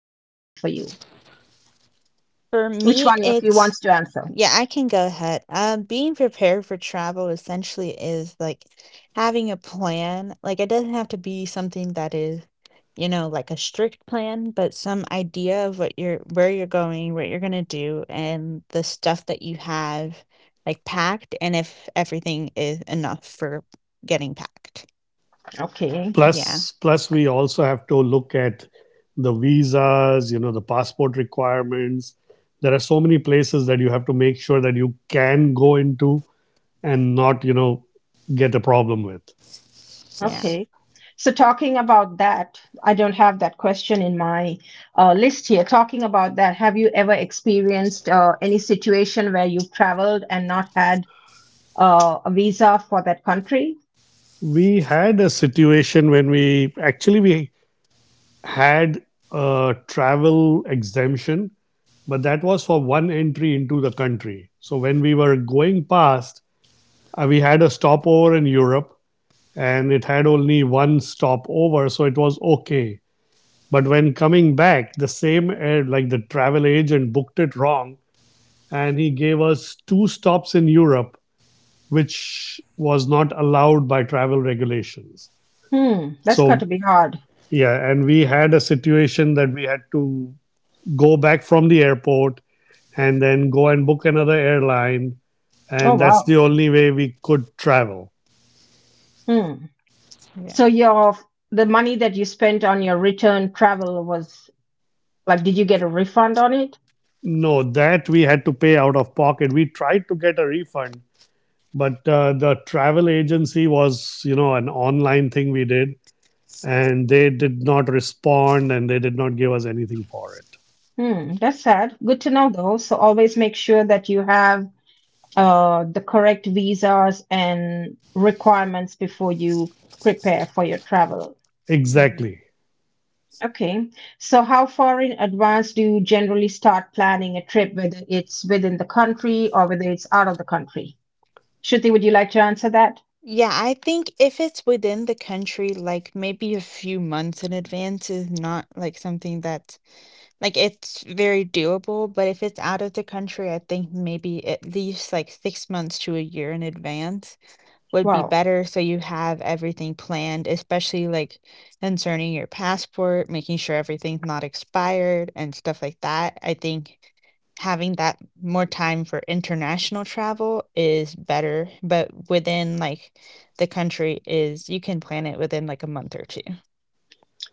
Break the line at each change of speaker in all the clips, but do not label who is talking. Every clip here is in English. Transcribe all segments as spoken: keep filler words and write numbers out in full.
mean for you?
For
Which one
me,
of you wants
it
to answer?
yeah, I can go ahead. Um, being prepared for travel essentially is like having a plan. Like it doesn't have to be something that is, you know, like a strict plan, but some idea of what you're where you're going, what you're gonna do, and the stuff that you have like packed, and if everything is enough for getting packed.
Okay,
Yeah,
Plus, plus we also have to look at the visas, you know, the passport requirements. There are so many places that you have to make sure that you can go into and not, you know, get a problem with.
yeah,
S-
okay. So talking about that, I don't have that question in my uh, list here. Talking about that, have you ever experienced uh, any situation where you've traveled and not had uh, a visa for that country.
We had a situation when we actually we had a travel exemption, but that was for one entry into the country. So when we were going past, uh, we had a stopover in Europe and it had only one stop over, so it was okay. But when coming back, the same air, like the travel agent booked it wrong, and he gave us two stops in Europe, which was not allowed by travel regulations.
Hmm, that's got to
So,
be hard.
yeah, and we had a situation that we had to go back from the airport and then go and book another airline,
Oh,
and that's
wow.
the only way we could travel.
Hmm.
yeah.
So your the money that you spent on your return travel was like, did you get a refund on it?
No, that we had to pay out of pocket. We tried to get a refund, but uh, the travel agency was, you know, an online thing we did, and they did not respond and they did not give us anything for it.
Hmm, that's sad. Good to know though. So always make sure that you have uh, the correct visas and requirements before you prepare for your travel.
Exactly.
Okay. So how far in advance do you generally start planning a trip, whether it's within the country or whether it's out of the country? Shruti, would you like to answer that?
Yeah, I think if it's within the country, like maybe a few months in advance is not like something that's like it's very doable. But if it's out of the country, I think maybe at least like six months to a year in advance would be
Wow.
better so you have everything planned, especially like concerning your passport, making sure everything's not expired and stuff like that. I think having that more time for international travel is better, but within like the country is you can plan it within like a month or two.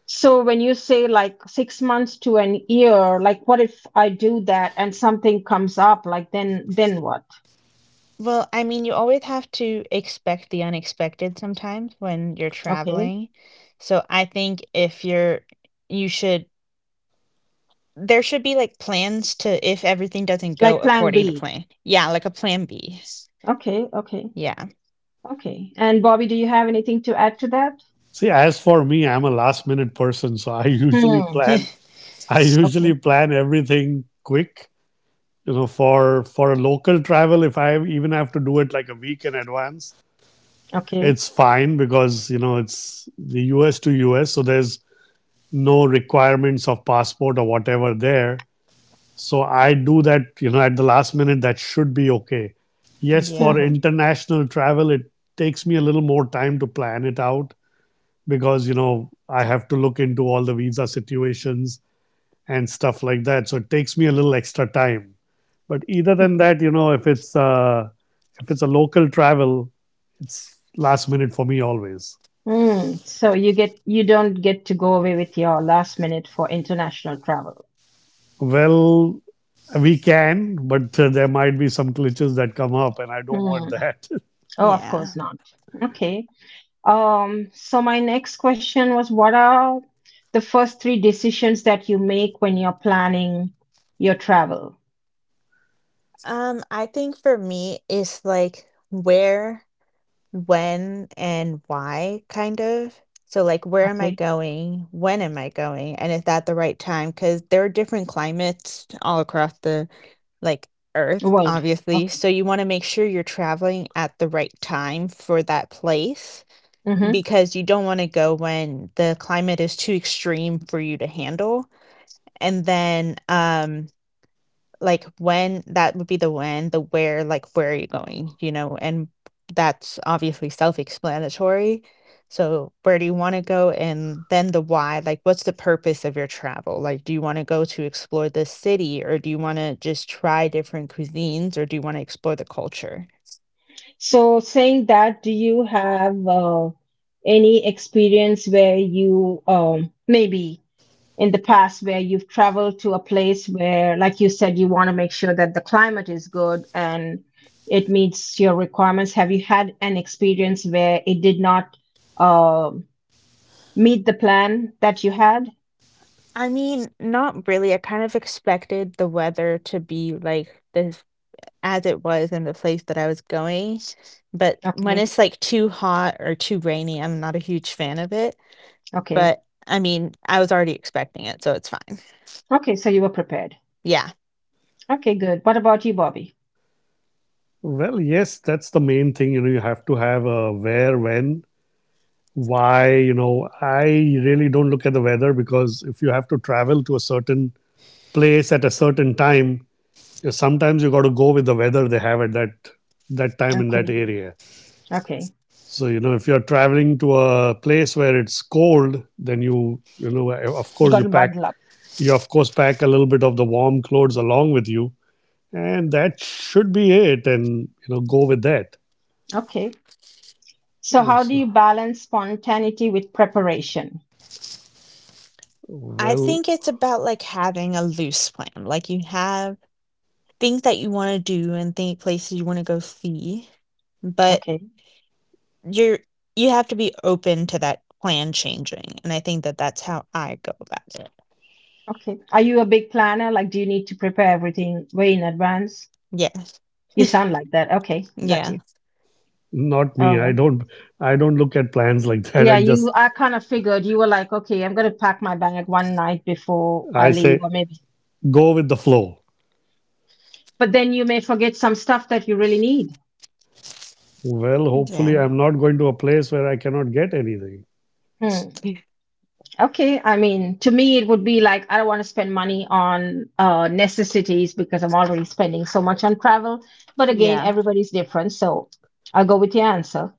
So when you say like six months to an year, like what if I do that and something comes up? Like then, then what?
Well, I mean, you always have to expect the unexpected sometimes when you're
Okay,
traveling. So I think if you're you should there should be, like, plans to if everything doesn't go
like Plan
according to
B.
plan. Yeah, like a plan B.
Okay, okay,
Yeah.
okay. And Bobby, do you have anything to add to that?
See, as for me, I'm a last minute person, so I usually
Hmm.
plan. I usually
Okay.
plan everything quick. You know, for for a local travel, if I even have to do it like a week in advance,
Okay.
it's fine because you know it's the U S to U S, so there's no requirements of passport or whatever there. So I do that, you know, at the last minute, that should be okay. Yes,
Yeah.
for
Hmm.
international travel, it takes me a little more time to plan it out because, you know, I have to look into all the visa situations and stuff like that. So it takes me a little extra time. But either than that, you know, if it's uh, if it's a local travel, it's last minute for me always.
Hmm. So you get you don't get to go away with your last minute for international travel.
Well, we can, but uh, there might be some glitches that come up, and I don't
Hmm.
want that.
Oh, of
Yeah.
course not. Okay. Um, so my next question was, what are the first three decisions that you make when you're planning your travel?
Um, I think for me, it's, like, where, when, and why, kind of. So, like, where am I
Okay,
going? When am I going? And is that the right time? Because there are different climates all across the, like, earth,
world.
obviously,
Okay.
so you wanna make sure you're traveling at the right time for that place.
Mm-hmm.
Because you don't want to go when the climate is too extreme for you to handle. And then, um, like when that would be the when, the where, like where are you going, you know? And that's obviously self-explanatory. So, where do you want to go? And then the why, like what's the purpose of your travel? Like, do you want to go to explore this city or do you want to just try different cuisines or do you want to explore the culture?
So saying that, do you have uh, any experience where you um, maybe in the past where you've traveled to a place where, like you said, you want to make sure that the climate is good and it meets your requirements? Have you had an experience where it did not? um meet the plan that you had?
I mean, not really. I kind of expected the weather to be like the as it was in the place that I was going, but when
Okay,
it's, like, too hot or too rainy, I'm not a huge fan of it,
okay,
but, I mean, I was already expecting it, so it's fine.
okay. So you were prepared.
Yeah.
Okay, good. What about you, Bobby?
Well, yes, that's the main thing. You know, you have to have a where, when, why. You know, I really don't look at the weather because if you have to travel to a certain place at a certain time, you- sometimes you got to go with the weather they have at that that time in that
Okay,
area.
okay,
So you know, if you're traveling to a place where it's cold, then you you know, of course,
got
you
to
pack
bundle up,
you of course pack a little bit of the warm clothes along with you, and that should be it. And you know, go with that.
okay. So how do
so
you balance spontaneity with preparation?
I
Well,
think it's about, like, having a loose plan, like, you have things that you wanna do and think places you wanna go see, but
Okay,
you're you have to be open to that plan changing, and I think that that's how I go about it.
okay. Are you a big planner? Like, do you need to prepare everything way in advance?
Yes.
You sound like that. Okay, got
Yeah.
you.
not me. I
Oh,
don't I don't look at plans like that. I
yeah. You,
just
I kind of figured you were like, okay, I'm gonna pack my bag one night before
I
I leave,
say
or maybe.
go with the flow.
But then you may forget some stuff that you really need.
Well, hopefully
Yeah.
I'm not going to a place where I cannot get anything.
Hmm. Okay, I mean, to me, it would be like I don't want to spend money on uh, necessities because I'm already spending so much on travel. But again,
Yeah.
everybody's different, so I'll go with your answer.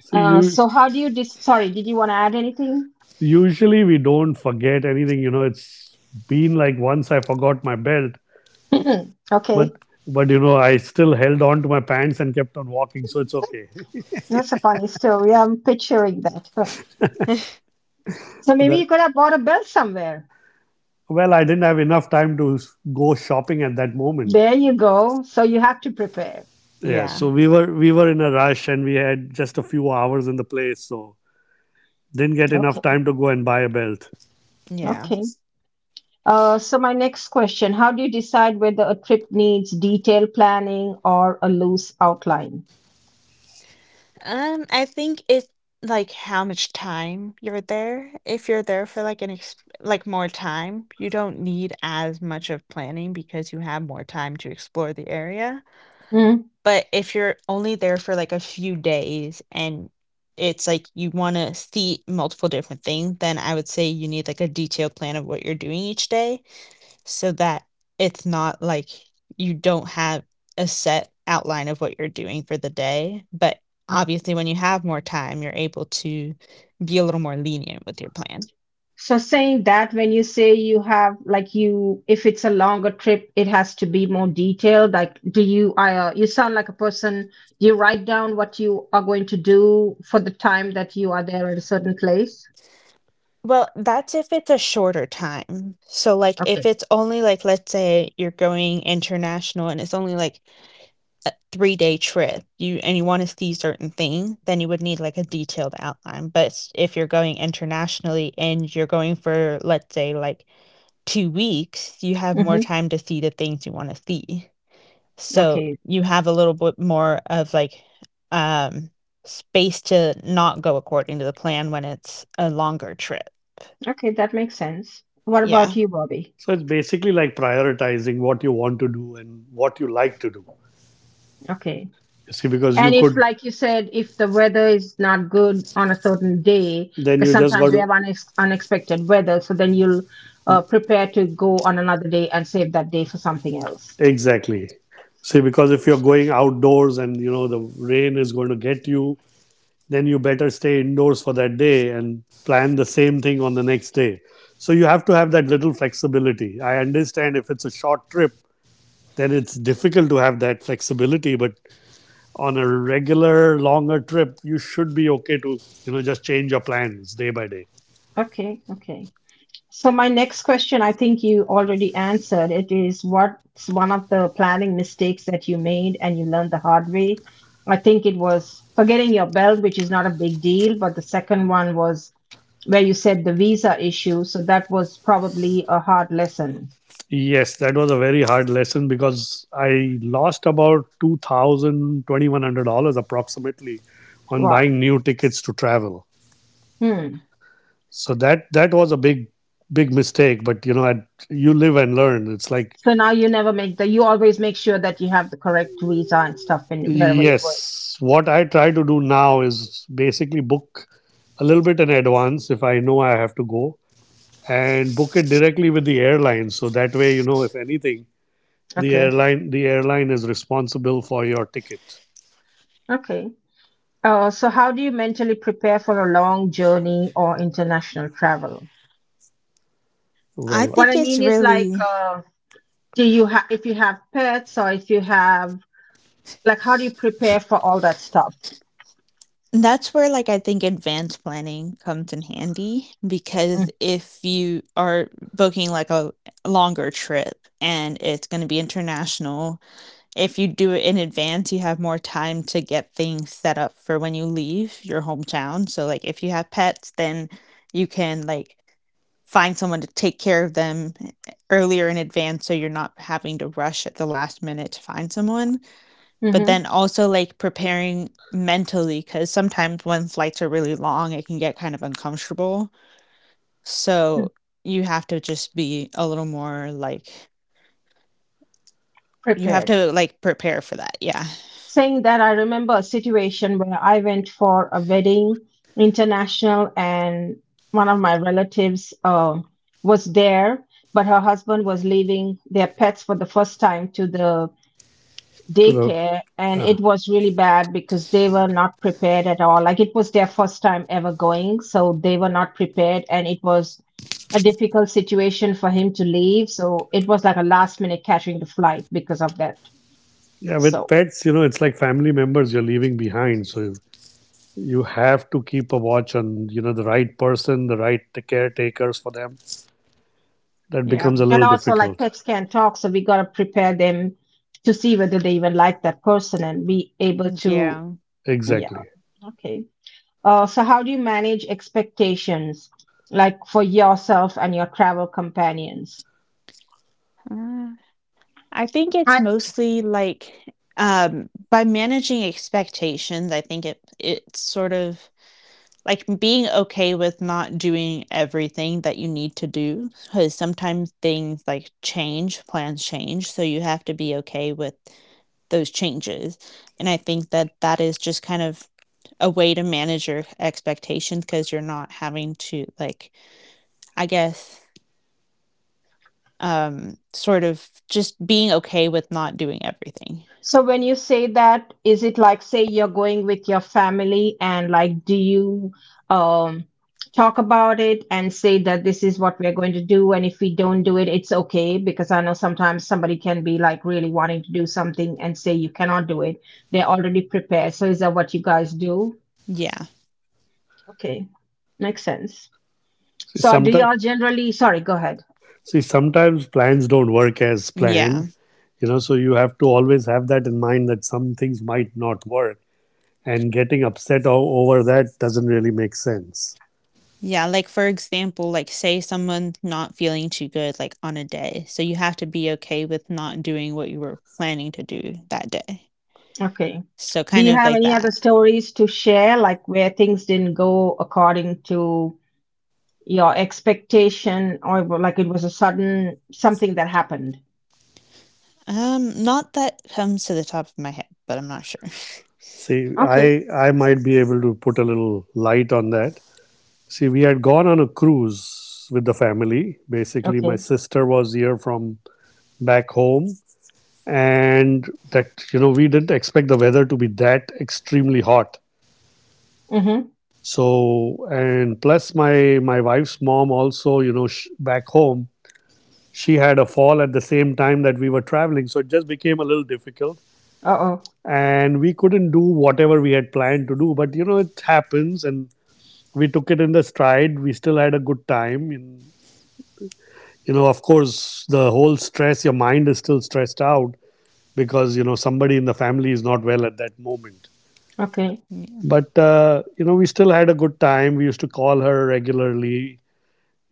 See,
Uh,
you
so, how do you? Dis- Sorry, did you want to add anything?
Usually we don't forget anything, you know, it's been like once I forgot my belt, but
Okay,
but you know, I still held on to my pants and kept on walking, so it's okay.
that's a funny story. I'm picturing that. Huh. So
so
maybe
that
you could have bought a bell somewhere.
Well, I didn't have enough time to s- go shopping at that moment.
There you go. So you have to prepare.
Yeah, so
Yeah.
we were we were in a rush and we had just a few hours in the place, so didn't get enough
Okay,
time to go and buy a belt.
Yeah.
okay. Uh, so my next question, how do you decide whether a trip needs detailed planning or a loose outline?
Um, I think it's like how much time you're there. If you're there for like an ex Like more time, you don't need as much of planning because you have more time to explore the area.
Hmm.
But if you're only there for like a few days and it's like you want to see multiple different things, then I would say you need like a detailed plan of what you're doing each day so that it's not like you don't have a set outline of what you're doing for the day. But obviously, when you have more time, you're able to be a little more lenient with your plan.
So saying that when you say you have like you if it's a longer trip it has to be more detailed like do you I uh, you sound like a person, do you write down what you are going to do for the time that you are there at a certain place?
Well, that's if it's a shorter time. So, like, if
Okay.
it's only like, let's say you're going international and it's only like a three day trip, you and you want to see certain things, then you would need like a detailed outline. But s- if you're going internationally and you're going for, let's say, like two weeks, you have more
Mhm.
time to see the things you wanna see. So,
Okay.
you have a little bit more of, like, um, space to not go according to the plan when it's a longer trip.
Okay, that makes sense. What
Yeah.
about you, Bobby?
So it's basically like prioritizing what you want to do and what you like to do.
Okay.
You see, because
And
you
if,
could,
like you said, if the weather is not good on a certain day,
then
because
you just got
sometimes we have
to,
unex- unexpected weather, so then you'll uh, prepare to go on another day and save that day for something else.
exactly. See, because if you're going outdoors and, you know, the rain is going to get you, then you better stay indoors for that day and plan the same thing on the next day. So you have to have that little flexibility. I understand if it's a short trip, then it's difficult to have that flexibility, but on a regular longer trip, you should be okay to, you know, just change your plans day by day.
Okay, okay. So my next question, I think you already answered. It is what's one of the planning mistakes that you made and you learned the hard way? I think it was forgetting your belt, which is not a big deal, but the second one was where you said the visa issue. So that was probably a hard lesson.
Yes, that was a very hard lesson because I lost about two thousand twenty one hundred dollars approximately on
Wow.
buying new tickets to travel.
Yeah.
Hmm.
So that that was a big big mistake. But you know, I, you live and learn. It's like
So now you never make the, you always make sure that you have the correct visa and stuff in wherever you're going.
yes, what I try to do now is basically book a little bit in advance if I know I have to go and book it directly with the airline. So that way, you know, if anything, the
Okay.
airline the airline is responsible for your ticket.
Okay. Uh, so how do you mentally prepare for a long journey or international travel?
I
What
Well,
I
think
mean
it's
is like,
really
uh, do you have if you have pets or if you have like how do you prepare for all that stuff?
That's where, like, I think advanced planning comes in handy
Mm,
because if you are booking, like, a longer trip and it's gonna be international. If you do it in advance, you have more time to get things set up for when you leave your hometown. So, like, if you have pets, then you can like find someone to take care of them eh, earlier in advance so you're not having to rush at the last minute to find someone. But then
mm-hmm,
also like preparing mentally because sometimes when flights are really long, it can get kind of uncomfortable.
mm-hmm,
So you have to just be a little more like, you have
prepared.
to like prepare for that. Yeah.
Saying that, I remember a situation where I went for a wedding international, and one of my relatives uh, was there, but her husband was leaving their pets for the first time to the
to the
daycare and
uh,
it was really bad because they were not prepared at all, like it was their first time ever going, so they were not prepared and it was a difficult situation for him to leave, so it was like a last minute catching the flight because of that.
Yeah, with
So
pets, you know, it's like family members you're leaving behind. So you have to keep a watch on you know the right person, the right caretakers for them. That
Yeah.
becomes a
and
little
also like
difficult.
pets can't talk, so we got to prepare them to see whether they even like that person and be able to,
Yeah.
yeah.
Exactly.
Okay. uh, so how do you manage expectations like for yourself and your travel companions?
Uh, I think it's
I,
mostly like um by managing expectations, I think it it's sort of like being okay with not doing everything that you need to do because sometimes things like change, plans change, so you have to be okay with those changes. And I think that that is just kind of a way to manage your expectations because you're not having to like, I guess, Um, sort of just being okay with not doing everything.
so when you say that, is it like say you're going with your family and like do you um talk about it and say that this is what we're going to do and if we don't do it it's okay, because I know sometimes somebody can be like really wanting to do something and say you cannot do it. They're already prepared. So is that what you guys do?
Yeah.
Okay. Makes sense.
See,
So do
sometimes
y'all generally, sorry, go ahead.
see Sometimes plans don't work as
Yeah.
planned. You know, so you have to always have that in mind that some things might not work and getting upset o- over that doesn't really make sense.
Yeah, like, for example, like, say someone's not feeling too good, like, on a day, so you have to be okay with not doing what you were planning to do that day.
Okay.
So
Do
kind
you
of
have
like
any other
that.
stories to share like where things didn't go according to your expectation or wa- like it was a sudden something that happened.
Um, not that comes to the top of my head, but I'm not sure.
See,
Okay,
i i might be able to put a little light on that. See, we had gone on a cruise with the family. Basically my
okay.
sister was here from back home, and that, you know, we didn't expect the weather to be that extremely hot.
Mm-hmm.
So, and plus my my wife's mom also, you know, sh- back home, she had a fall at the same time that we were traveling, so it just became a little difficult,
Uh-oh.
and we couldn't do whatever we had planned to do. But you know, it happens, and we took it in the stride. We still had a good time, and you know, of course, the whole stress, your mind is still stressed out because you know somebody in the family is not well at that moment.
Okay.
Yeah.
But uh, you know, we still had a good time. We used to call her regularly.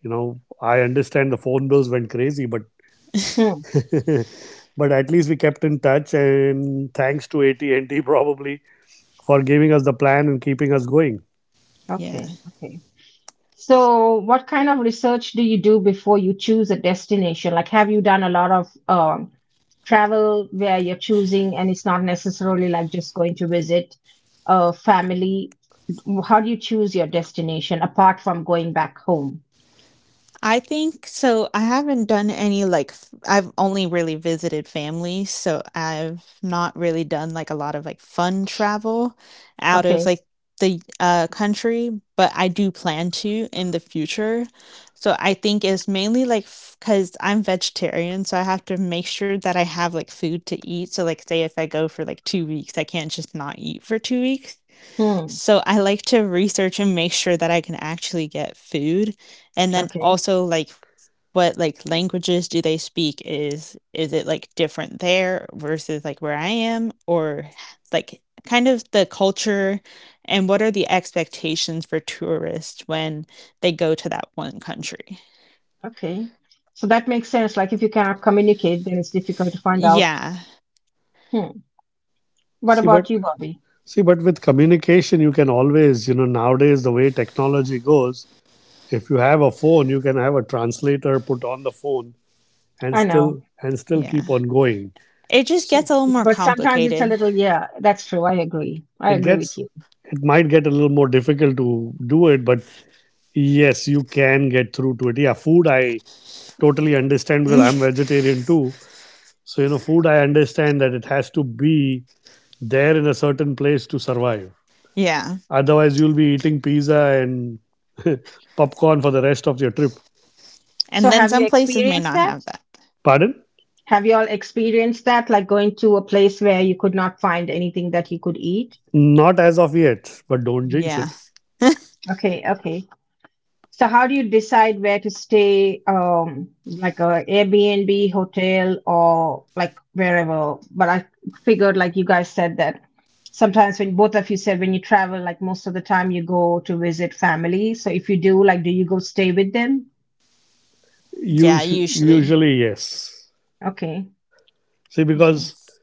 You know, I understand the phone bills went crazy, but
Hmm.
but at least we kept in touch, and thanks to A T and T probably for giving us the plan and keeping us going.
Yeah.
Okay, okay. So what kind of research do you do before you choose a destination, like have you done a lot of um, travel where you're choosing and it's not necessarily like just going to visit a family. W- how do you choose your destination apart from going back home?
I think so I haven't done any, like, f I've only really visited family, so I've not really done, like, a lot of, like, fun travel out of,
Okay.
like, the, uh, country, but I do plan to in the future. So I think it's mainly, like, because 'cause I'm vegetarian, so I have to make sure that I have, like, food to eat. So, like, say if I go for, like, two weeks, I can't just not eat for two weeks.
Hmm.
So I like to research and make sure that I can actually get food, and then
Okay.
also, like, what like languages do they speak, is is it like different there versus like where I am, or like kind of the culture and what are the expectations for tourists when they go to that one country.
Okay. So that makes sense. Like if you cannot communicate, then it's difficult to find out.
Yeah.
Hmm. What
See,
about
but
you, Bobby?
see, but with communication, you can always, you know, nowadays the way technology goes, if you have a phone, you can have a translator put on the phone and
I know.
still and still
Yeah,
keep on going.
it just
So
gets a little more
But sometimes it's a
complicated.
little, yeah, that's true. I agree. I
it
agree with
gets,
you.
it might get a little more difficult to do it, but yes, you can get through to it. Yeah, food I totally understand because I'm vegetarian too. So you know, food I understand that it has to be there in a certain place to survive.
Yeah.
Otherwise, you'll be eating pizza and popcorn for the rest of your trip.
And
So
then
have
some
you
places may
experienced
not have
that?
that.
Pardon?
Have you all experienced that? Like going to a place where you could not find anything that you could eat?
Not as of yet, but don't jinx
Yeah.
it.
Okay. Okay. So how do you decide where to stay, um, like a Airbnb, hotel, or like wherever? But I figured, like you guys said, that sometimes when both of you said when you travel, like most of the time you go to visit family. So if you do, like, do you go stay with them?
Yeah,
Us
usually
usually, yes.
Okay.
See, because
yes.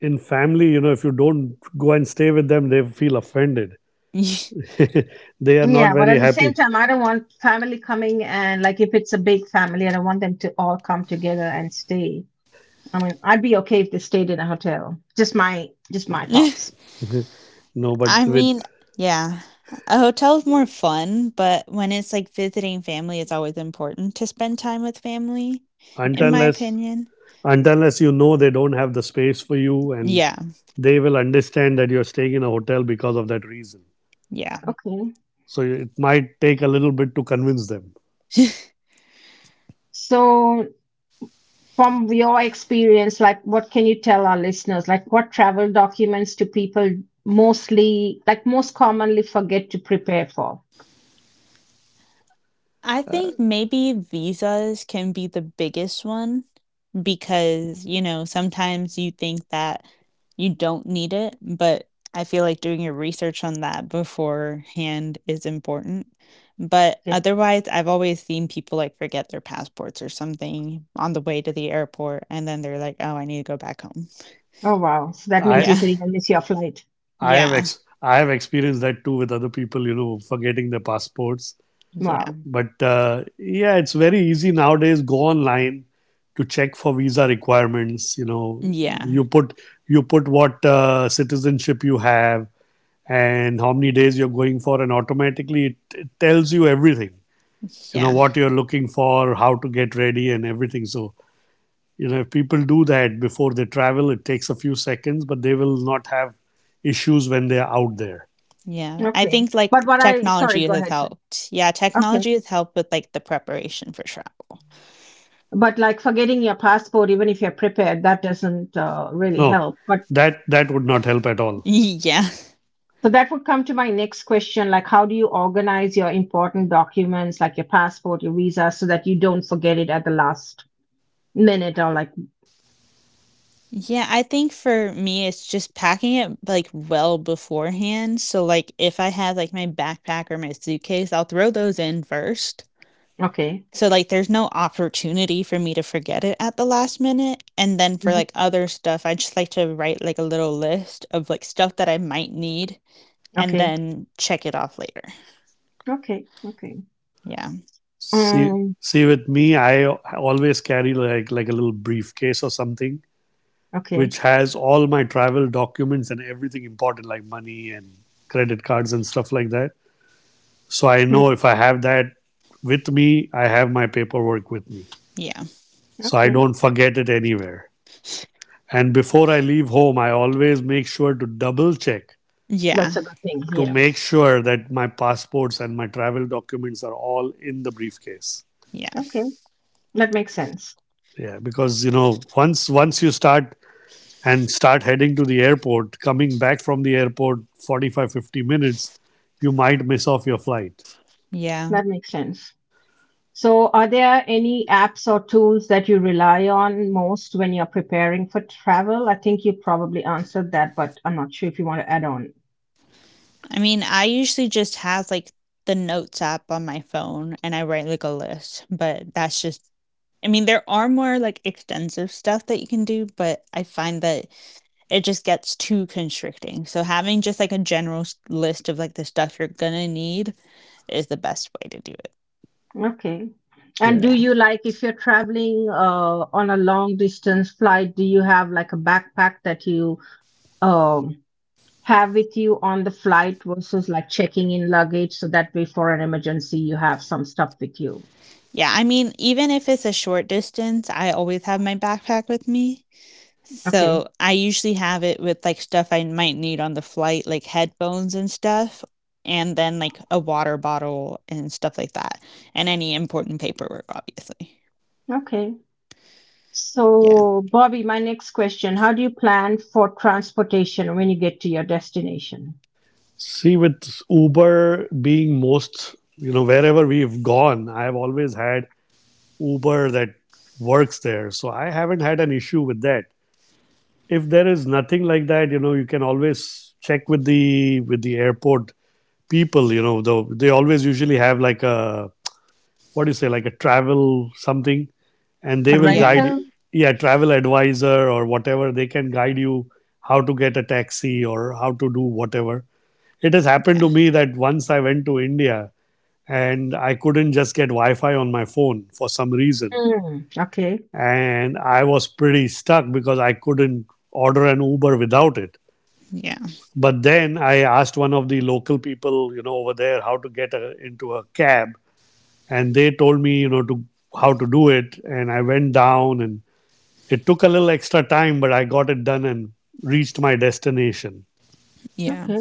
in family, you know, if you don't go and stay with them, they feel offended. They are not
Yeah, but
very
at the same
happy.
time, I don't want family coming and like if it's a big family, I don't want them to all come together and stay. I mean, I'd be okay if they stayed in a hotel. Just my just my thoughts.
No, but
I mean,
with
yeah. A hotel is more fun, but when it's like visiting family, it's always important to spend time with family,
until
in
Okay.
my
unless
opinion.
until unless you know they don't have the space for you, and
Yeah,
they will understand that you're staying in a hotel because of that reason.
yeah.
Okay.
So it might take a little bit to convince them.
So, from your experience, like what can you tell our listeners? Like, what travel documents do people mostly, like, most commonly forget to prepare for?
I
Uh,
think maybe visas can be the biggest one because, you know, sometimes you think that you don't need it, but I feel like doing your research on that beforehand is important. But
Okay.
otherwise, I've always seen people like forget their passports or something on the way to the airport, and then they're like, oh, I need to go back home.
Oh, wow. So that means
Yeah.
you
I
could even miss your flight.
I have
Yeah.
ex- I have experienced that too with other people, you know, forgetting their passports.
Wow.
Yeah.
But uh, yeah, it's very easy nowadays. Go online to check for visa requirements. You know,
Yeah.
you put you put what uh, citizenship you have and how many days you're going for, and automatically it, it tells you everything. You know
Yeah.
what you're looking for, how to get ready, and everything. So you know, if people do that before they travel, it takes a few seconds, but they will not have issues when they are out there.
Yeah. I
Okay.
think like
But what I, sorry,
technology
go
has
ahead, sir.
helped. Yeah.
Okay.
Technology has helped with like the preparation for travel.
But like forgetting your passport even if you're prepared that doesn't uh, really
No,
help, but
that that would not help at all.
Yeah.
so that would come to my next question, like how do you organize your important documents like your passport your visa so that you don't forget it at the last minute or like,
Yeah, I think for me, it's just packing it like well beforehand. So like if I have like my backpack or my suitcase, I'll throw those in first.
okay,
So like there's no opportunity for me to forget it at the last minute. And then for
mhm,
like other stuff, I just like to write like a little list of like stuff that I might need and
okay,
then check it off later.
okay, okay,
Yeah.
See,
um,
see, with me, I always carry like like a little briefcase or something,
okay,
which has all my travel documents and everything important, like money and credit cards and stuff like that. So I
hmm,
know if I have that with me, I have my paperwork with me,
Yeah.
so I
okay,
don't forget it anywhere. And before I leave home, I always make sure to double check
Yeah.
that's a good thing,
to
yeah,
make sure that my passports and my travel documents are all in the briefcase.
Yeah.
okay, that makes sense,
Yeah, because you know, once once you start and start heading to the airport, coming back from the airport forty-five fifty minutes, you might miss off your flight.
Yeah.
that makes sense. So, are there any apps or tools that you rely on most when you're preparing for travel? I think you probably answered that, but I'm not sure if you want to add on.
I mean, I usually just have like the notes app on my phone and I write like a list, but that's just, I mean, there are more, like, extensive stuff that you can do, but I find that it just gets too constricting, so having just, like, a general s list of, like, the stuff you're gonna need is the best way to do it.
Okay. And do
Yeah.
Yeah.
you like, if you're traveling uh, on a long distance flight, do you have like a backpack that you um have with you on the flight versus like checking in luggage so that way for an emergency you have some stuff with you.
Yeah, I mean, even if it's a short distance, I always have my backpack with me,
Okay,
so I usually have it with, like, stuff I might need on the flight, like headphones and stuff, and then, like, a water bottle and stuff like that, and any important paperwork, obviously.
okay.
Yeah.
So, Bobby, my next question, how do you plan for transportation when you get to your destination?
See, with Uber being most, you know, wherever we've gone, I've always had Uber that works there. So I haven't had an issue with that. If there is nothing like that, you know, you can always check with the with the airport people, you know, though they always usually have like a what do you say, like a travel something, and
A
they will
Yeah.
guide,
rental?
yeah, travel advisor or whatever. They can guide you how to get a taxi or how to do whatever. It has happened
Yeah.
to me that once I went to India, and I couldn't just get Wi-Fi on my phone for some reason,
Mm. Okay.
and I was pretty stuck because I couldn't order an Uber without it.
Yeah.
But then I asked one of the local people, you know, over there, how to get a, into a cab, and they told me, you know, to how to do it, and I went down, and it took a little extra time, but I got it done and reached my destination.
Yeah.
Okay,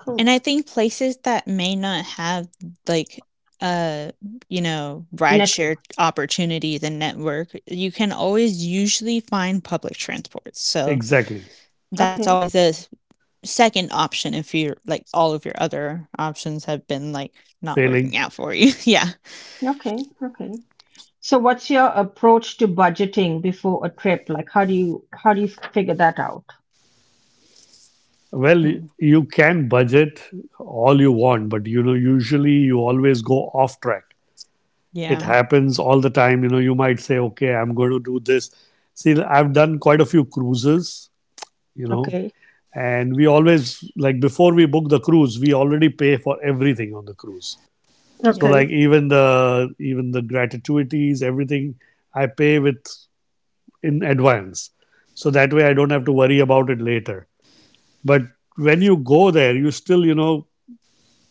cool.
And I think places that may not have like, uh you know, rideshare
Network.
opportunities and network, you can always usually find public transport, so
Exactly.
that's
Okay.
always a s- second option if you're like all of your other options have been like not working
Failing.
out for you. Yeah.
Okay. Okay. So what's your approach to budgeting before a trip? Like how do you how do you figure that out?
Well,
Hmm.
you can budget all you want, but, you know, usually you always go off track. It
Yeah.
happens all the time. You know, you might say, okay, I'm going to do this. See, I've done quite a few cruises, you know,
Okay.
and we always, like, before we book the cruise, we already pay for everything on the cruise. So,
Yeah.
Okay.
like, even the, even the gratuities, everything I pay with in advance. So that way I don't have to worry about it later. But when you go there, you still, you know,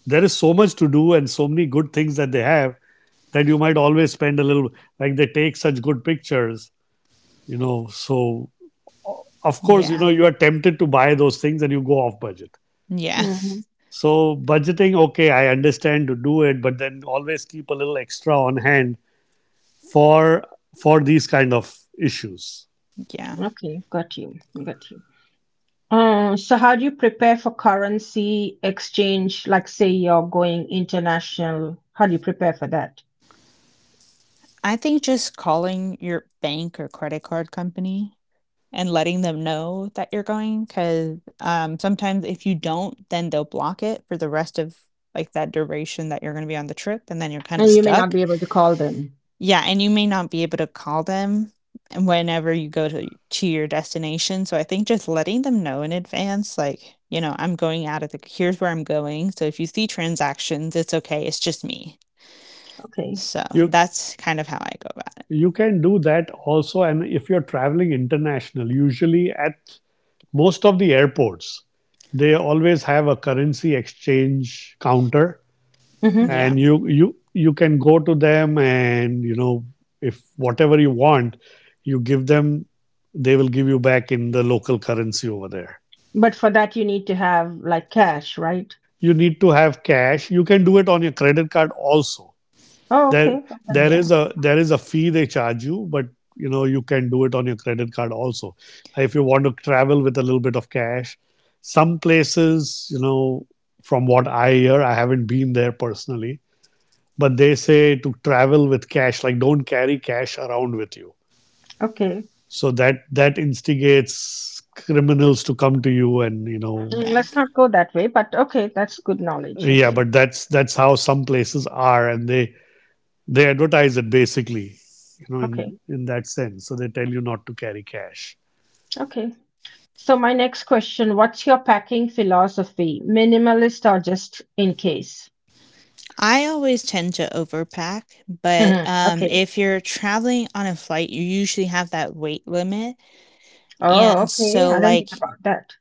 there is so much to do and so many good things that they have, that you might always spend a little, like they take such good pictures, you know. So, of course, you
Yeah.
know, you are tempted to buy those things and you go off budget.
Yeah.
Hmm.
So, budgeting, okay, I understand to do it, but then always keep a little extra on hand for for these kind of issues.
Yeah,
Okay. Got you. Got you. Uh, so how do you prepare for currency exchange? Like, say you're going international, how do you prepare for that?
I think just calling your bank or credit card company and letting them know that you're going, 'cause, um, sometimes if you don't, then they'll block it for the rest of, like, that duration that you're gonna be on the trip, and then you're kinda
And you may not
stuck.
be able to call them.
Yeah, and you may not be able to call them whenever you go to to your destination, so I think just letting them know in advance, like, you know, "I'm going out of the here's where I'm going, so if you see transactions, it's okay, it's just me."
Okay.
So,
You
that's kind of how I go about it.
you can do that also, and if you're traveling international, usually at most of the airports they always have a currency exchange counter,
Hmm.
Yeah.
and you you you can go to them, and, you know, if whatever you want you give them, they will give you back in the local currency over there.
But for that you need to have like cash, right?
You need to have cash. You can do it on your credit card also.
Oh, okay.
there
Okay.
there
Yeah.
is a there is a fee they charge you, but, you know, you can do it on your credit card also. Like, if you want to travel with a little bit of cash, some places, you know, from what I hear, I haven't been there personally, but they say to travel with cash, like, don't carry cash around with you,
Okay.
so that that instigates criminals to come to you, and you know.
Mm,
Yeah.
Let's not go that way, but okay, that's good knowledge.
Yeah,
Okay.
but that's that's how some places are, and they they advertise it basically, you know,
Okay.
in in that sense, so they tell you not to carry cash.
Okay. So my next question, what's your packing philosophy? Minimalist or just in case?
I always tend to overpack, but,
Mhm.
um,
Okay.
if you're traveling on a flight, you usually have that weight limit,
Oh,
and
okay.
so,
I didn't
like
think about that.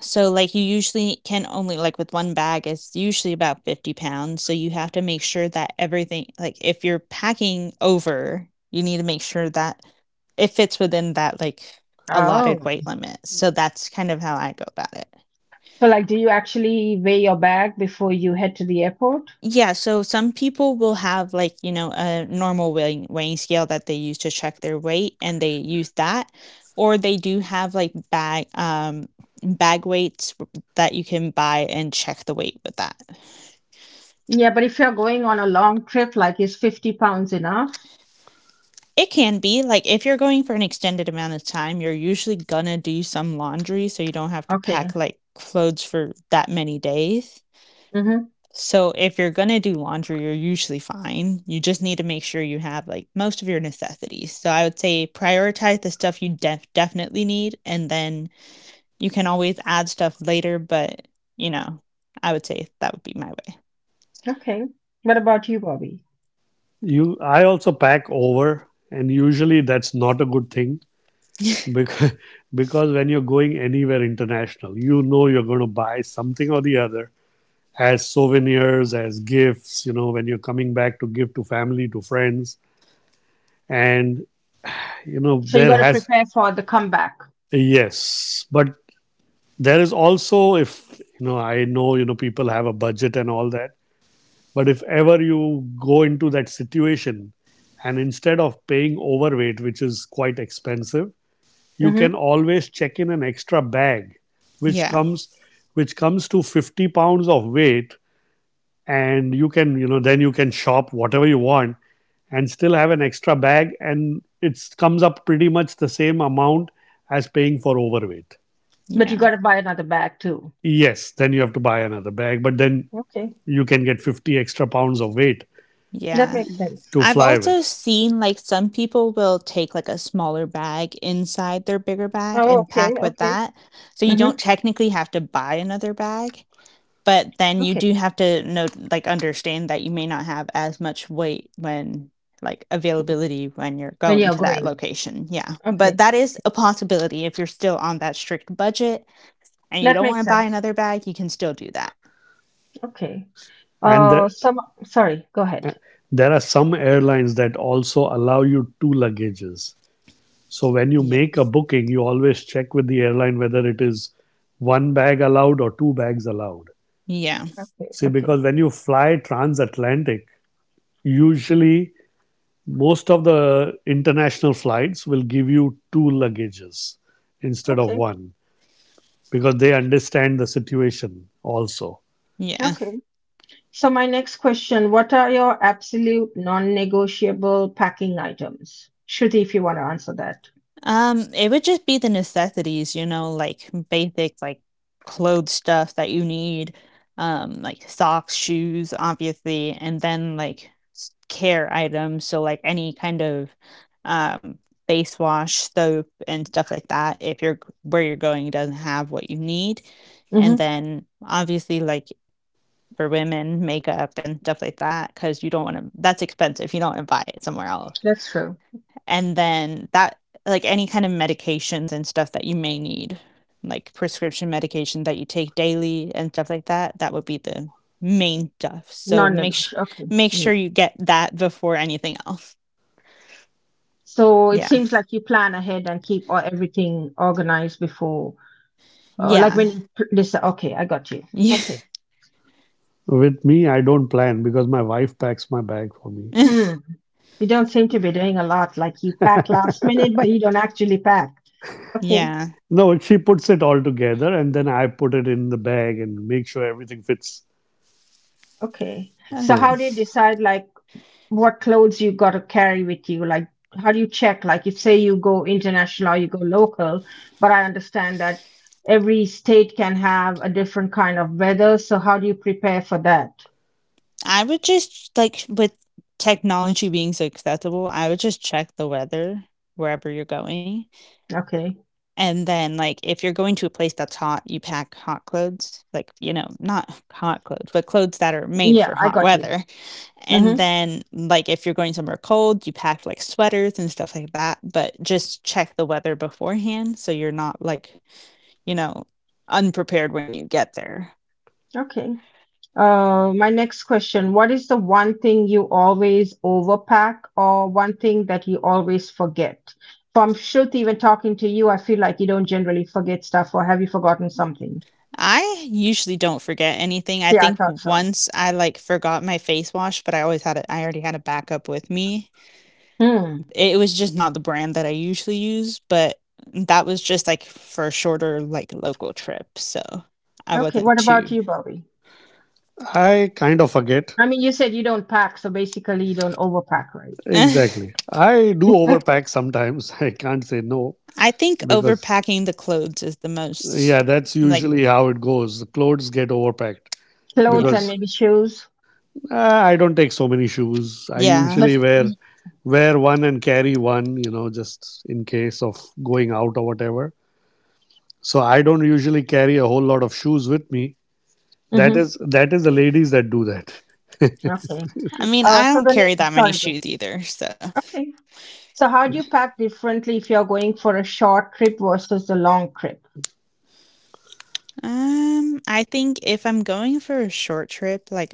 so, like, you usually can only like, with one bag, it's usually about fifty pounds, so you have to make sure that everything like, if you're packing over, you need to make sure that it fits within that, like, allotted
Oh.
weight limit, so that's kind of how I go about it.
So like, do you actually weigh your bag before you head to the airport?
Yeah, so some people will have like, you know, a normal weighing weighing scale that they use to check their weight and they use that. Or they do have like bag um bag weights that you can buy and check the weight with that.
Yeah, but if you're going on a long trip, like is fifty pounds enough?
It can be like if you're going for an extended amount of time, you're usually gonna do some laundry so you don't have to
Okay.
pack like clothes for that many days.
Mm-hmm.
So if you're gonna do laundry, you're usually fine. You just need to make sure you have like most of your necessities. So I would say prioritize the stuff you def- definitely need, and then you can always add stuff later. But you know, I would say that would be my way.
Okay. What about you, Bobby?
You i also pack over, and usually that's not a good thing. because because when you're going anywhere international, you know, you're going to buy something or the other, as souvenirs, as gifts, you know, when you're coming back to give to family, to friends, and, you know,
So you
there
got to
has,
prepare for the comeback.
yes, but there is also, if you know, I know, you know, people have a budget and all that. But if ever you go into that situation, and instead of paying overweight, which is quite expensive, you
Mm-hmm.
can always check in an extra bag, which
Yeah,
comes which comes to fifty pounds of weight, and you can, you know, then you can shop whatever you want and still have an extra bag, and it comes up pretty much the same amount as paying for overweight.
But you
yeah,
got to buy another bag too.
Yes, then you have to buy another bag, but then
Okay,
you can get fifty extra pounds of weight
that
yeah.
makes sense.
to
I've
fly with.
also seen like some people will take like a smaller bag inside their bigger bag
Oh,
and
okay,
pack with
okay,
that, so you don't
hmm,
technically have to buy another bag. But then you
okay.
do have to know like, understand that you may not have as much weight when like, availability when you're
When
going
you're
to that
going.
location, yeah. But
Okay.
that is a possibility if you're still on that strict budget and you
That
don't
makes
wanna buy
sense.
another bag, you can still do that.
Okay.
And that
Uh, some sorry, go ahead.
There are some airlines that also allow you two luggages. So when you
Yeah.
make a booking, you always check with the airline whether it is one bag allowed or two bags allowed.
Yeah.
Okay,
See,
okay,
because when you fly transatlantic, usually most of the international flights will give you two luggages instead of
okay,
one, because they understand the situation also.
Yeah.
okay. So my next question, what are your absolute non-negotiable packing items? Shruti, if you want to answer that.
Um, it would just be the necessities, you know, like basic like clothes stuff that you need, um, like socks, shoes, obviously, and then like s- care items. So like any kind of um face wash, soap, and stuff like that. If you're g- where you're going doesn't have what you need, and
Mm-hmm.
then obviously like for women, makeup and stuff like that, because you don't want to. That's expensive. You don't want to buy it somewhere else
That's true.
and then that like any kind of medications and stuff that you may need like prescription medication that you take daily and stuff like that that would be the main stuff so make sh-
Non-negotiable. Okay.
make sure
Yeah.
you get that before anything else.
So it
Yeah.
seems like you plan ahead and keep all, everything organized before. Oh, like
Yeah.
when you pl- listen. Okay, I got you.
Yeah.
Okay.
With me, I don't plan because my wife packs my bag for me.
Hmm. You don't seem to be doing a lot. Like, you pack last minute, but you don't actually pack. Okay.
Yeah.
No, she puts it all together, and then I put it in the bag and make sure everything fits.
Okay. So
So
how
Okay.
do you decide like what clothes you got to carry with you? Like how do you check? Like if say you go international or you go local, but I understand that every state can have a different kind of weather. So how do you prepare for that?
I would just like with technology being so accessible, I would just check the weather wherever you're going.
Okay.
And then, like, if you're going to a place that's hot, you pack hot clothes, like, you know, not hot clothes, but clothes that are made
Yeah,
for
I
hot
got you.
weather. And
Mm-hmm.
then, like, if you're going somewhere cold, you pack like sweaters and stuff like that, but just check the weather beforehand so you're not like you know, unprepared when you get there.
Okay. Uh, my next question, what is the one thing you always overpack or one thing that you always forget? From Shruti, even talking to you, I feel like you don't generally forget stuff, or have you forgotten something?
I usually don't forget anything. I
Yeah, I
think
thought so.
once I, like, forgot my face wash, but I always had it I already had a backup with me.
Hmm.
It was just not the brand that I usually use, but that was just, like, for a shorter, like, local trip, so I
Okay,
wasn't
what about
too.
you, Bobby?
I kind of forget.
I mean, you said you don't pack, so basically you don't overpack, right?
Uh,
Exactly. I do overpack sometimes. I can't say no
I think
because,
overpacking the clothes is the
yeah,
most
that's
like
usually how it goes. The clothes get overpacked
yeah.
Clothes and
because,
maybe shoes.
uh, I don't take so many shoes. I
Yeah.
But
usually wear wear one and carry one, you know, just in case of going out or whatever. So I don't usually carry a whole lot of shoes with me. That
hmm.
is that is the ladies that do that.
Okay.
I mean,
Uh,
I
so
don't
the
carry
ne-
that many
sorry. Go.
shoes either, so,
Okay. So how do you pack differently if you're going for a short trip versus a long trip?
um, I think if I'm going for a short trip, like,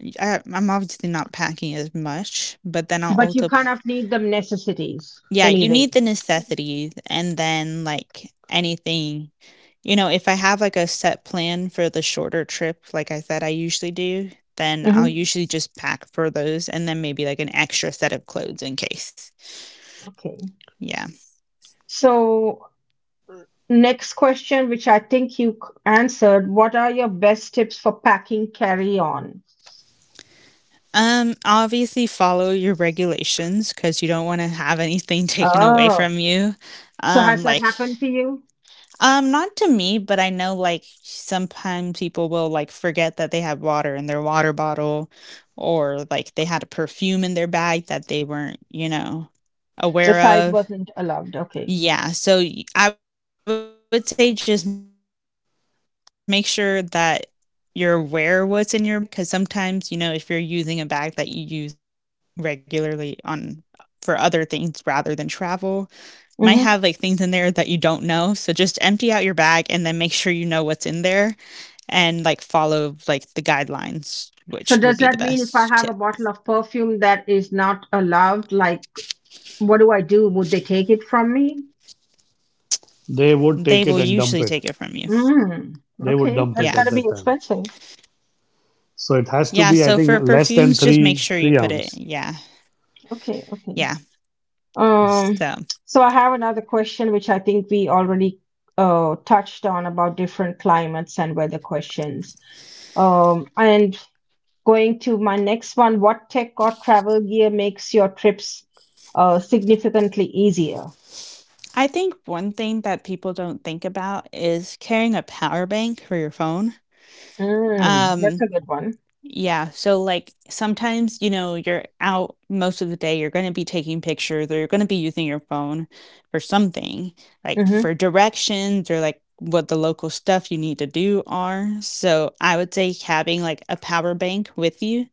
y I I'm obviously not packing as much, but then I'll
But you
also.
kind of need the necessities
Yeah, you
anyway.
need the necessities and then, like, anything you know, if I have, like, a set plan for the shorter trip, like I said I usually do, then I'll
Hmm.
usually just pack for those and then maybe, like, an extra set of clothes in case.
Okay.
Yeah.
So, next question, which I think you c- answered, what are your best tips for packing carry on?
Um, obviously follow your regulations because you don't wanna have anything taken away
Oh,
from you.
so has
Um,
that
like
happened to you?
Um, not to me, but I know like sometimes people will like forget that they have water in their water bottle or like they had a perfume in their bag that they weren't, you know,
The
aware
size
of.
wasn't allowed. Okay.
Yeah, so y- I would say just make sure that you're aware what's in your bag because sometimes, you know, if you're using a bag that you use regularly on for other things rather than travel, might have like things in there that you don't know. So just empty out your
Hmm.
bag and then make sure you know what's in there and like follow like the guidelines, which would be the best tip.
So, does that mean if I have a bottle of perfume that is not allowed, like what do I do? Would they take it from me?
They will usually take it
They
from you.
would take it and dump it.
Yeah.
Mm.
They would
Okay.
dump
That's
it
got
at
to be
that time.
expensive.
Yeah. So for
So it has
perfumes,
to
just
be, I
make sure
think,
you put
less
it.
than
Yeah.
three three ounce.
Yeah.
Okay. Okay.
So
Yeah.
Um, so I have another question, which I think we already uh, touched on, about different climates and weather questions. Um, and going to my next one, what tech or travel gear makes your trips uh, significantly easier?
I think one thing that people don't think about is carrying a power bank for your phone.
Mm, that's
Um,
a good one.
Yeah, so, like, sometimes, you know, you're out most of the day, you're gonna be taking pictures or you're gonna be using your phone for something, like,
Hmm.
for directions or, like, what the local stuff you need to do are, so I would say having, like, a power bank with you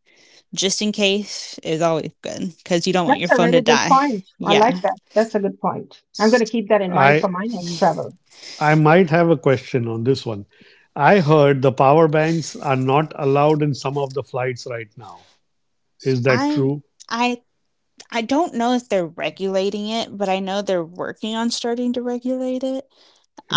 just in case is always good because you don't want your
That's a
phone to
really good
die.
point. I
Yeah.
like that. That's a good point. I'm going to keep that in mind
I
for my next travel.
I might have a question on this one. I heard the power banks are not allowed in some of the flights right now. Is that
I
true?
I I don't know if they're regulating it, but I know they're working on starting to regulate it.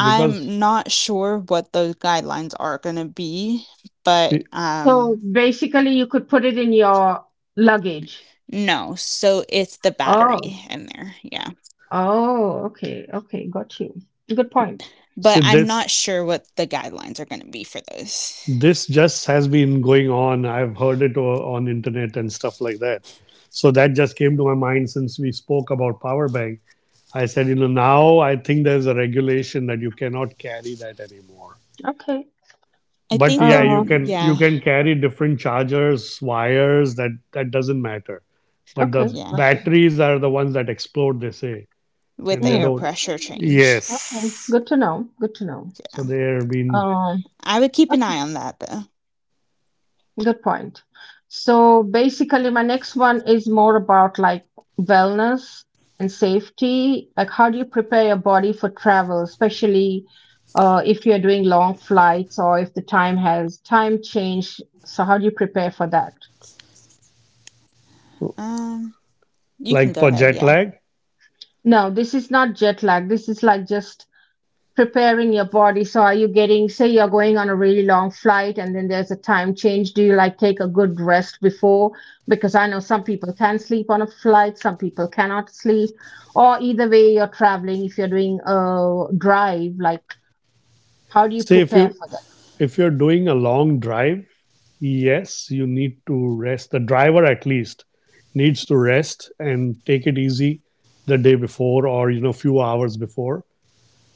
Because,
not sure what those guidelines are gonna be, but,
see,
So
um
basically, you could put it in your luggage.
no, so it's the
Oh.
battery in there, yeah,
Oh, okay, okay, got you. Good point.
but
see,
I'm
this
not sure what the guidelines are gonna be for those.
this just has been going on. I've heard it o- on internet and stuff like that. So that just came to my mind since we spoke about power banks. I said, you know, now I think there's a regulation that you cannot carry that anymore.
Okay.
I
But
think they're
yeah, you
Uh,
m
can you
Yeah,
can carry different chargers, wires. That that doesn't matter. But
okay,
the
yeah,
got you.
batteries are the ones that explode, they say,
with
and
the
they
air
Mm,
don't.
pressure change,
okay,
Yes.
good to know. Good to know.
So
yeah.
they're being,
Um,
I would keep an
okay,
eye on that, though.
good point. So basically, my next one is more about like wellness and safety. Like, how do you prepare your body for travel, especially uh, if you're doing long flights or if the time has time change? So, how do you prepare for that?
Um, you can
like
go
for
ahead,
jet
yeah.
lag.
No, this is not jet lag. This is like just preparing your body. So are you getting say you're going on a really long flight and then there's a time change, do you like take a good rest before? Because I know some people can sleep on a flight, some people cannot sleep. Or either way you're traveling, if you're doing a drive, like how do you
See, if
prepare
you
for that?
if you're doing a long drive, yes, you need to rest. The driver at least needs to rest and take it easy the day before, or, you know, few hours before,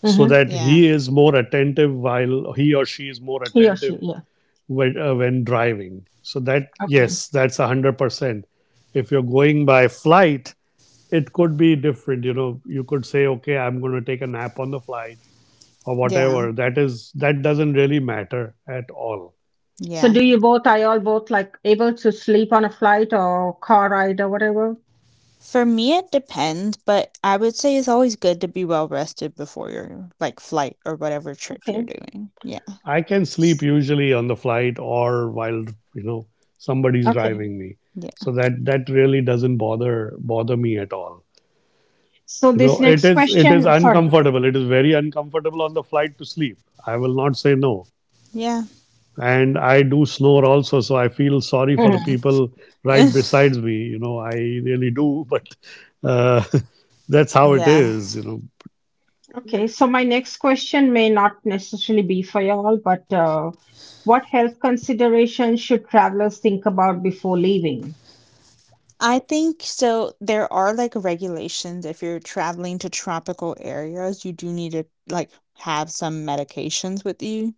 so
Mm-hmm.
that
Yeah,
he is more attentive, while he or she is more
He or she,
attentive,
yeah.
when, uh, when driving. So that,
Okay.
yes, that's a one hundred percent. If you're going by flight, it could be different. You know, you could say, okay, I'm going to take a nap on the flight or
yeah,
whatever. That is that doesn't really matter at all.
So do
yeah.
you both, are you all both like able to sleep on a flight or car ride or whatever?
For me, it depends, but I would say it's always good to be well rested before your, like, flight or whatever trip you're
Okay.
doing, yeah.
I can sleep usually on the flight or while, you know, somebody's
Okay.
driving me.
Yeah.
So that that really doesn't bother bother me at all.
So
You
this
know, it
next
is it is
question, sorry. Go
uncomfortable. It is very uncomfortable on the flight to sleep. I will not say no.
Yeah.
And I do snore also, so I feel sorry
ahead.
for the
Mm.
Mhm.
people right
Ugh.
besides me. You know, I really do, but, uh, that's how it
Yeah.
is. You know,
Okay, so my next question may not necessarily be for y'all, but uh, what health considerations should travelers think about before leaving?
I think so. There are like regulations if you're traveling to tropical areas, you do need to like have some medications with you.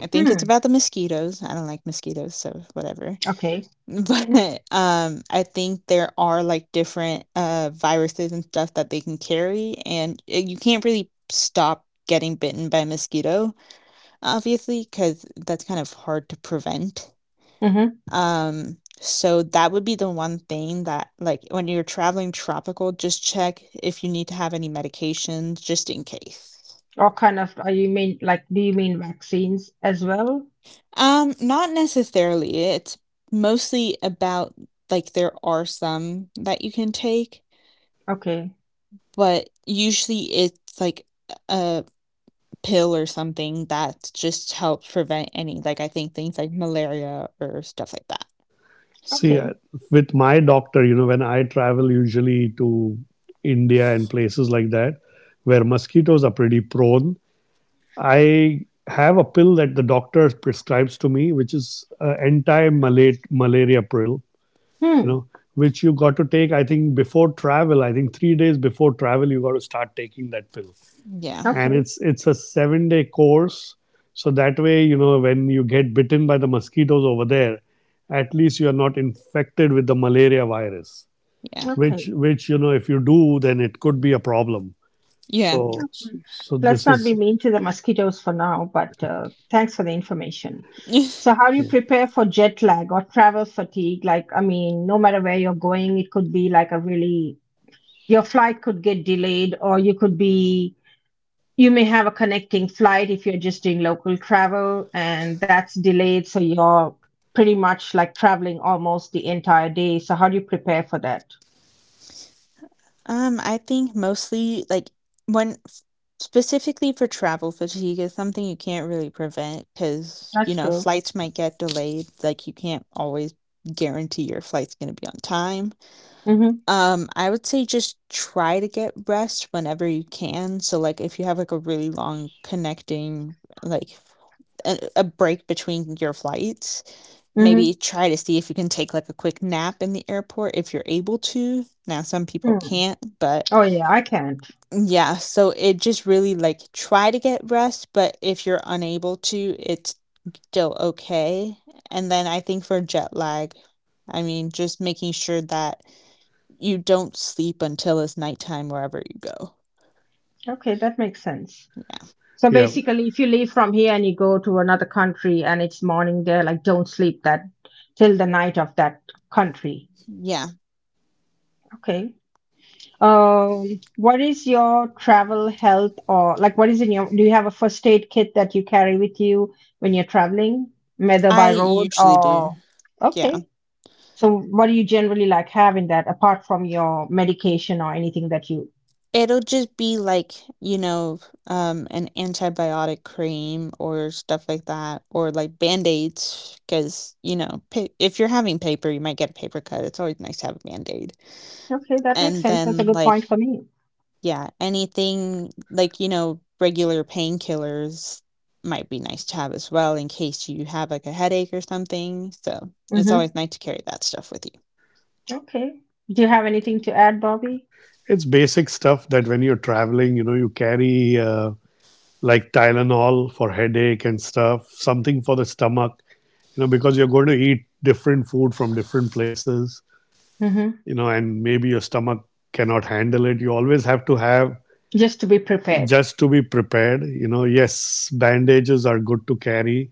I think it's
Hmm.
about the mosquitoes. I don't like mosquitoes, so whatever.
Okay.
But um, I think there are like different uh viruses and stuff that they can carry, and uh, you can't really stop getting bitten by a mosquito, obviously, because that's kind of hard to prevent.
Mm-hmm.
Um, so that would be the one thing that, like, when you're traveling tropical, just check if you need to have any medications just in case.
What kind of, are you mean like, do you mean vaccines as well?
Um, not necessarily. It's mostly about like there are some that you can take,
Okay.
but usually it's like a pill or something that just helps prevent any, like I think things like malaria or stuff like that.
see,
Okay.
I- with my doctor, you know, when I travel, usually to India and places like that where mosquitoes are pretty prone, I have a pill that the doctor prescribes to me, which is, uh, anti-malaria pill, you
Hmm.
know, which you got to take, I think, before travel. I think three days before travel, you got to start taking that pill,
Yeah,
and
Okay.
it's it's a seven day course, so that way, you know, when you get bitten by the mosquitoes over there, at least you are not infected with the malaria virus,
yeah,
which
Okay.
which you know, if you do, then it could be a problem.
yeah.
so so,
Mm.
so
Let's
this
not be
is,
mean to the mosquitoes for now, but uh, thanks for the information. So, how do you
yeah.
prepare for jet lag or travel fatigue? Like, I mean, no matter where you're going, it could be like a really, your flight could get delayed, or you could be, you may have a connecting flight if you're just doing local travel and that's delayed. So, you're pretty much like traveling almost the entire day. So, how do you prepare for that?
Um, I think mostly like when f- specifically for travel fatigue is something you can't really prevent because, you
That's
know,
true.
flights might get delayed. Like you can't always guarantee your flight's going to be on time.
Mm-hmm.
Um, I would say just try to get rest whenever you can. So like if you have like a really long connecting like a a break between your flights, maybe
Mm-hmm.
try to see if you can take like a quick nap in the airport if you're able to. Now some people
Mm.
can't, but
Oh, yeah, I can't.
yeah, so it just really, like, try to get rest, but if you're unable to, it's still okay, and then I think for jet lag, I mean, just making sure that you don't sleep until it's nighttime wherever you go.
Okay, that makes sense.
Yeah.
So
Yeah,
basically, if you leave from here and you go to another country and it's morning there, like don't sleep that till the night of that country.
Yeah.
Okay. Um, what is your travel health, or like what is in your, do you have a first aid kit that you carry with you when you're traveling, whether
I
by road
usually do.
or,
Yeah.
okay. So what do you generally like have in that apart from your medication or anything that you,
It'll just be, like, you know, um, an antibiotic cream or stuff like that, or, like, Band-Aids aids, because you know, pa if you're having paper, you might get a paper cut, it's always nice to have a Band-Aid.
okay, that makes
And
sense. That's a
then,
good
like,
point for me.
yeah, anything like, you know, regular painkillers might be nice to have as well in case you have, like, a headache or something, so it's
Hmm.
always nice to carry that stuff with you.
Okay. Do you have anything to add, Bobby?
it's basic stuff that when you're traveling, you know, you carry, uh, like Tylenol for headache and stuff, something for the stomach, you know, because you're going to eat different food from different places,
Hmm.
you know, and maybe your stomach cannot handle it. You always have to have,
Just to be prepared.
just to be prepared. You know, yes, bandages are good to carry.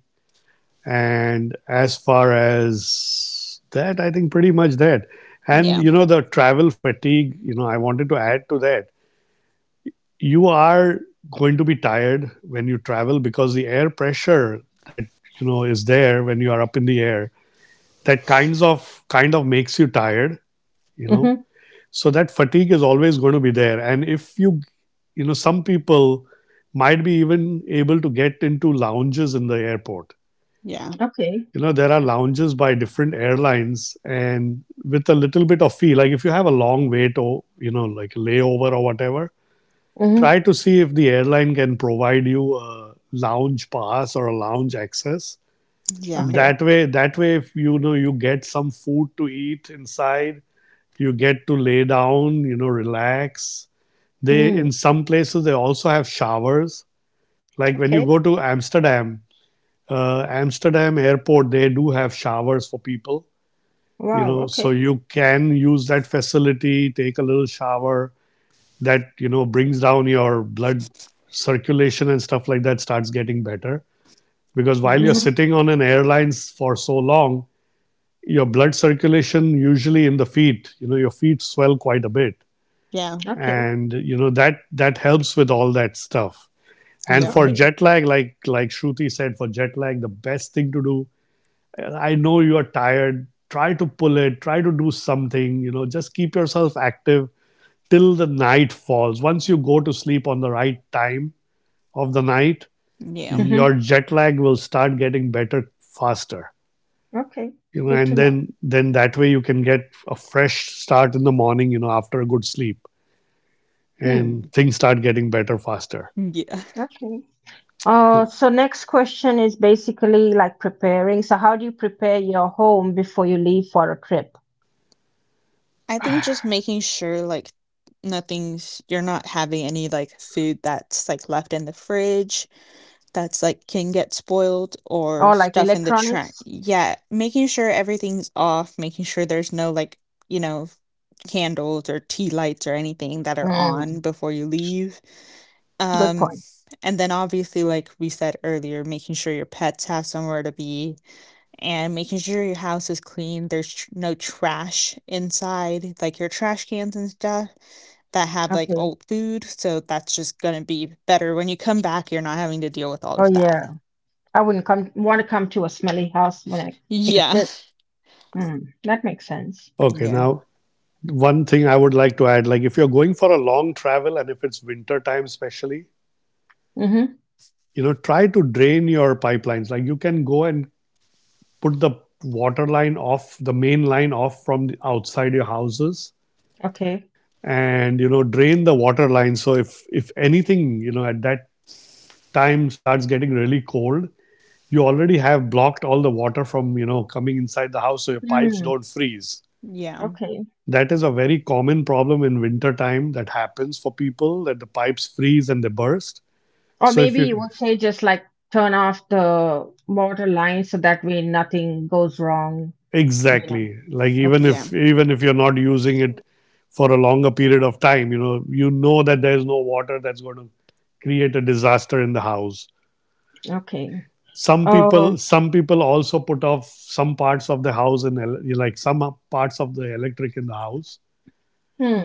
And as far as that, I think pretty much that. And,
Yeah,
you know, the travel fatigue, you know, I wanted to add to that. You are going to be tired when you travel because the air pressure that, you know, is there when you are up in the air, that kinds of kind of makes you tired, you know,
Hmm.
so that fatigue is always going to be there, and if you you know, some people might be even able to get into lounges in the airport.
yeah,
Okay.
You know, there are lounges by different airlines, and with a little bit of fee, like if you have a long wait, or, you know, like layover or whatever,
Hmm.
try to see if the airline can provide you a lounge pass or a lounge access.
yeah,
Okay.
That way that way if, you know, you get some food to eat inside, you get to lay down, you know, relax. They
Hmm.
In some places, they also have showers. Like when you
Okay.
go to Amsterdam, uh, Amsterdam airport, they do have showers for people. You
Wow.
know,
Okay.
so you can use that facility, take a little shower that, you know, brings down your blood circulation, and stuff like that starts getting better. Because while you're
yeah,
Hmm.
sitting on an airline for so long, your blood circulation, usually in the feet, you know, your feet swell quite a bit,
yeah,
Okay.
and you know that that helps with all that stuff. And for
yeah,
Okay.
jet lag, like like Shruti said, for jet lag, the best thing to do. I know you are tired. Try to pull it. Try to do something. You know, just keep yourself active till the night falls. Once you go to sleep on the right time of the night,
yeah,
Hmm.
your jet lag will start getting better faster.
Okay.
You know,
Good to
and
know.
then then that way you can get a fresh start in the morning. You know, after a good sleep,
Hmm.
mhm,
and things start getting better faster.
yeah.
Okay. Uh, so next question is basically like preparing. So how do you prepare your home before you leave for a trip?
I think just making sure, like, nothing's you're not having any, like, food that's, like, left in the fridge that's like can get spoiled or
Or like
stuff in the trash.
electronics.
Yeah, making sure everything's off, making sure there's no like, you know, candles or tea lights or anything that are
Mm,
on before you leave.
good
Um
point.
and then obviously like we said earlier, making sure your pets have somewhere to be and making sure your house is clean, there's tr- no trash inside, like your trash cans and stuff that have like
Okay.
old food, so that's just going to be better when you come back, you're not having to deal with all
Oh
of
yeah.
that.
I wouldn't come want to come to a smelly house when I take a
Yeah.
trip. Mm, that makes sense.
Okay,
Yeah.
now one thing I would like to add, like, if you're going for a long travel and if it's winter time, especially,
Mm-hmm.
you know, try to drain your pipelines. Like, you can go and put the water line off, the main line off from the outside your houses
Okay.
and, you know, drain the water line. So, if, if anything, you know, at that time starts getting really cold, you already have blocked all the water from, you know, coming inside the house so your pipes
Mm,
don't freeze.
Yeah.
okay.
That is a very common problem in winter time that happens for people, that the pipes freeze and they burst.
Or
So if
maybe you
you
would say just like turn off the water line so that way nothing goes wrong, you know.
exactly, like, even
Okay.
Yeah.
if even if you're not using it for a longer period of time, you know, you know that there's no water that's going to create a disaster in the house.
Okay.
Some
Oh,
people some people also put off some parts of the house and like some parts of the electric in the house.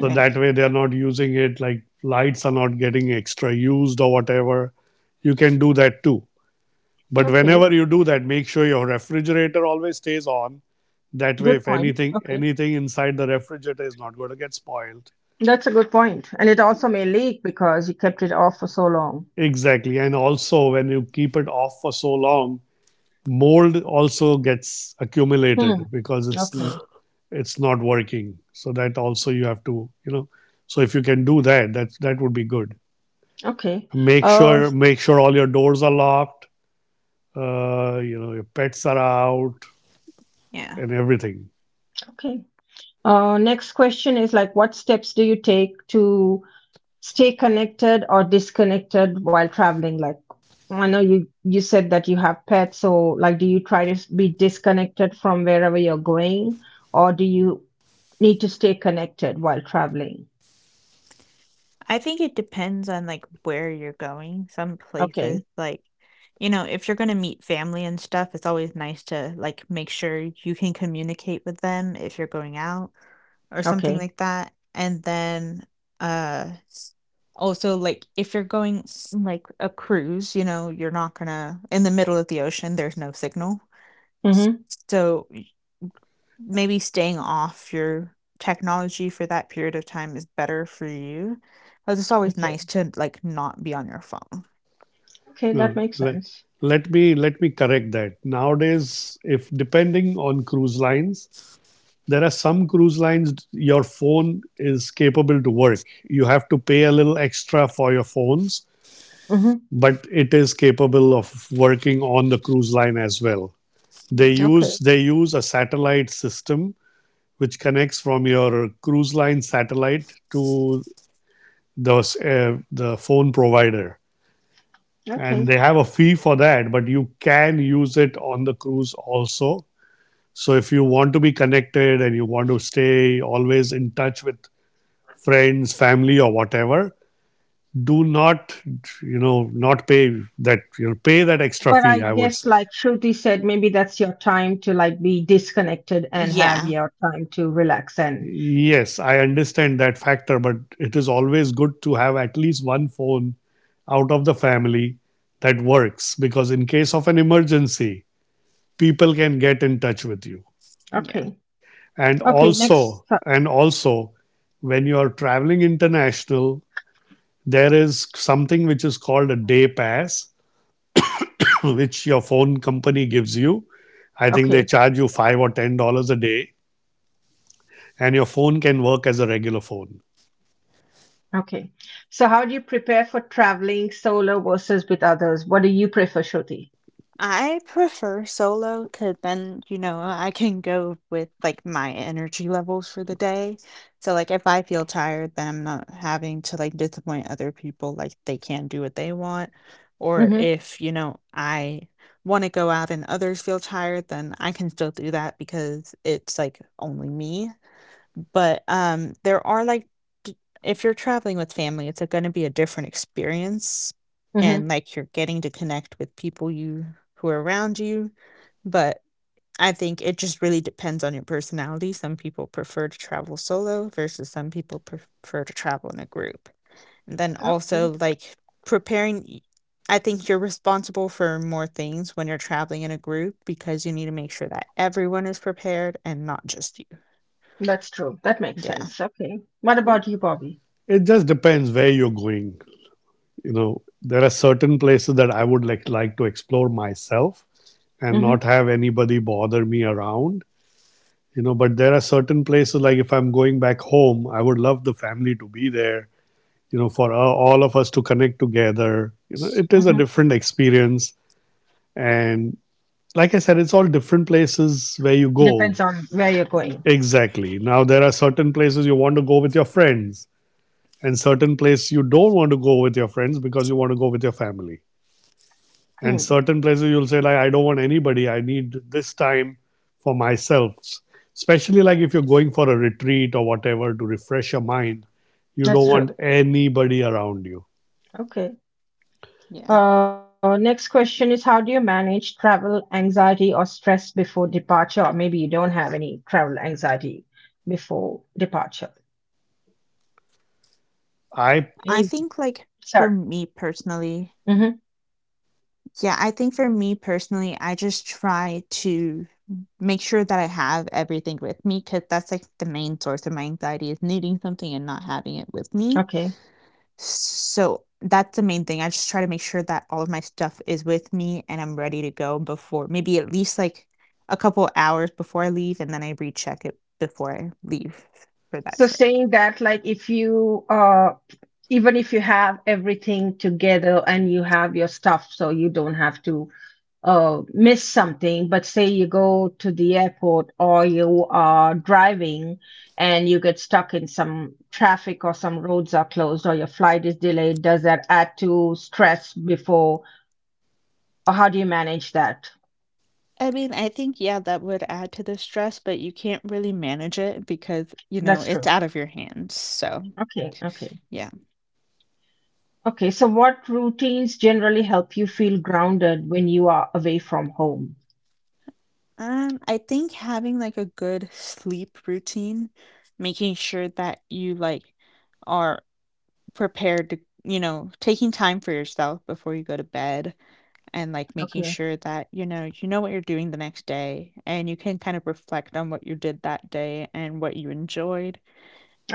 So that way they are not using it, like lights are not getting extra used or whatever. You can do that too. But
Okay.
whenever you do that, make sure your refrigerator always stays on. That way,
Good
if
point.
anything,
Okay.
anything inside the refrigerator is not going to get spoiled.
That's a good point. And it also may leak because you kept it off for so long.
Exactly. And also, when you keep it off for so long, mold also gets
Hmm.
accumulated because it's
Okay.
it's not working. So that also you have to, you know. So if you can do that, that that would be good.
Okay.
make
Uh,
sure make sure all your doors are locked, uh, you know, your pets are out
Yeah.
and everything.
okay. Uh, next question is like, what steps do you take to stay connected or disconnected while traveling? Like, I know you you said that you have pets, so like, do you try to s- be disconnected from wherever you're going, or do you need to stay connected while traveling?
I think it depends on like where you're going. Some places
Okay.
like, you know, if you're going to meet family and stuff, it's always nice to like make sure you can communicate with them if you're going out or something
Okay.
like that. And then uh s- also like if you're going like a cruise, you know, you're not going to in the middle of the ocean, there's no signal. S-
Mm-hmm.
So maybe staying off your technology for that period of time is better for you, 'cause it's always
Okay.
nice to, like, not be on your phone.
Okay, that
No
makes
let,
sense.
let me let me correct that. Nowadays, if depending on cruise lines, there are some cruise lines your phone is capable to work. You have to pay a little extra for your phones,
Mm-hmm.
but it is capable of working on the cruise line as well. they
Yeah.
Okay.
use they use a satellite system which connects from your cruise line satellite to the uh, the phone provider, and
Okay.
they have a fee for that, but you can use it on the cruise also. So if you want to be connected and you want to stay always in touch with friends, family or whatever, do not, you know, not pay that. You'll pay that extra
But I
fee, I would
guess,
say.
like Shruti said, maybe that's your time to like be disconnected and have
Yeah,
your time to relax. And
Yes, I understand that factor, but it is always good to have at least one phone out of the family that works, because in case of an emergency people can get in touch with you.
yeah.
okay,
And
okay,
also,
next. so-
and also, when you are traveling international, there is something which is called a day pass, which your phone company gives you. I think they
Okay,
charge you five or ten dollars a day, and your phone can work as a regular phone.
okay. So, how do you prepare for traveling solo versus with others? What do you prefer, Shruti?
I prefer solo, cause then, you know, I can go with, like, my energy levels for the day. So, like, if I feel tired, then I'm not having to, like, disappoint other people, like, they can't do what they want. Or
Mm-hmm.
if, you know, I wanna go out and others feel tired, then I can still do that because it's, like, only me. But, um, there are, like d if you're traveling with family, it's, uh, gonna be a different experience,
Mm-hmm.
and, like, you're getting to connect with people you who are around you, but I think it just really depends on your personality. Some people prefer to travel solo versus some people prefer to travel in a group. And then
Okay,
also, like, preparing y I think you're responsible for more things when you're traveling in a group because you need to make sure that everyone is prepared and not just you.
that's true. That makes
Yeah.
sense. Okay. What about you, Bobby?
It just depends where you're going. You know, there are certain places that I would like like to explore myself and
Mm-hmm.
not have anybody bother me around. You know, but there are certain places, like if I'm going back home, I would love the family to be there, you know, for uh, all of us to connect together. You know, it is a
Mm-hmm.
different experience. And like I said, it's all different places where you
Depends
go.
on where you're going.
Exactly. Now there are certain places you want to go with your friends, and certain places you don't want to go with your friends because you want to go with your family. And
Hmm.
certain places you'll say, like, I don't want anybody. I need this time for myself. Especially like if you're going for a retreat or whatever to refresh your mind, you
That's
don't
true.
want anybody around you.
Okay.
Yeah.
Uh, next question is how do you manage travel anxiety or stress before departure? Or maybe you don't have any travel anxiety before departure.
I think, like, for me
I
Any,
personally
sorry.
yeah, I
Hmm.
think for me personally, I just try to make sure that I have everything with me because that's, like, the main source of my anxiety is needing something and not having it with me.
Okay.
So, that's the main thing. I just try to make sure that all of my stuff is with me and I'm ready to go before maybe at least, like, a couple hours before I leave, and then I recheck it before I leave for that
So
trip.
saying that, like if you uh even if you have everything together and you have your stuff, so you don't have to uh, miss something, but say you go to the airport or you are driving and you get stuck in some traffic or some roads are closed or your flight is delayed, does that add to stress before or how do you manage that?
I mean, I think, yeah, that would add to the stress, but you can't really manage it because, you know,
That's
it's
true.
out of your hands. So,
Okay, okay.
yeah.
Okay, so what routines generally help you feel grounded when you are away from home?
Um, I think having like a good sleep routine, making sure that you like are prepared to, you know, taking time for yourself before you go to bed and like making
Okay.
sure that, you know, you know what you're doing the next day and you can kind of reflect on what you did that day and what you enjoyed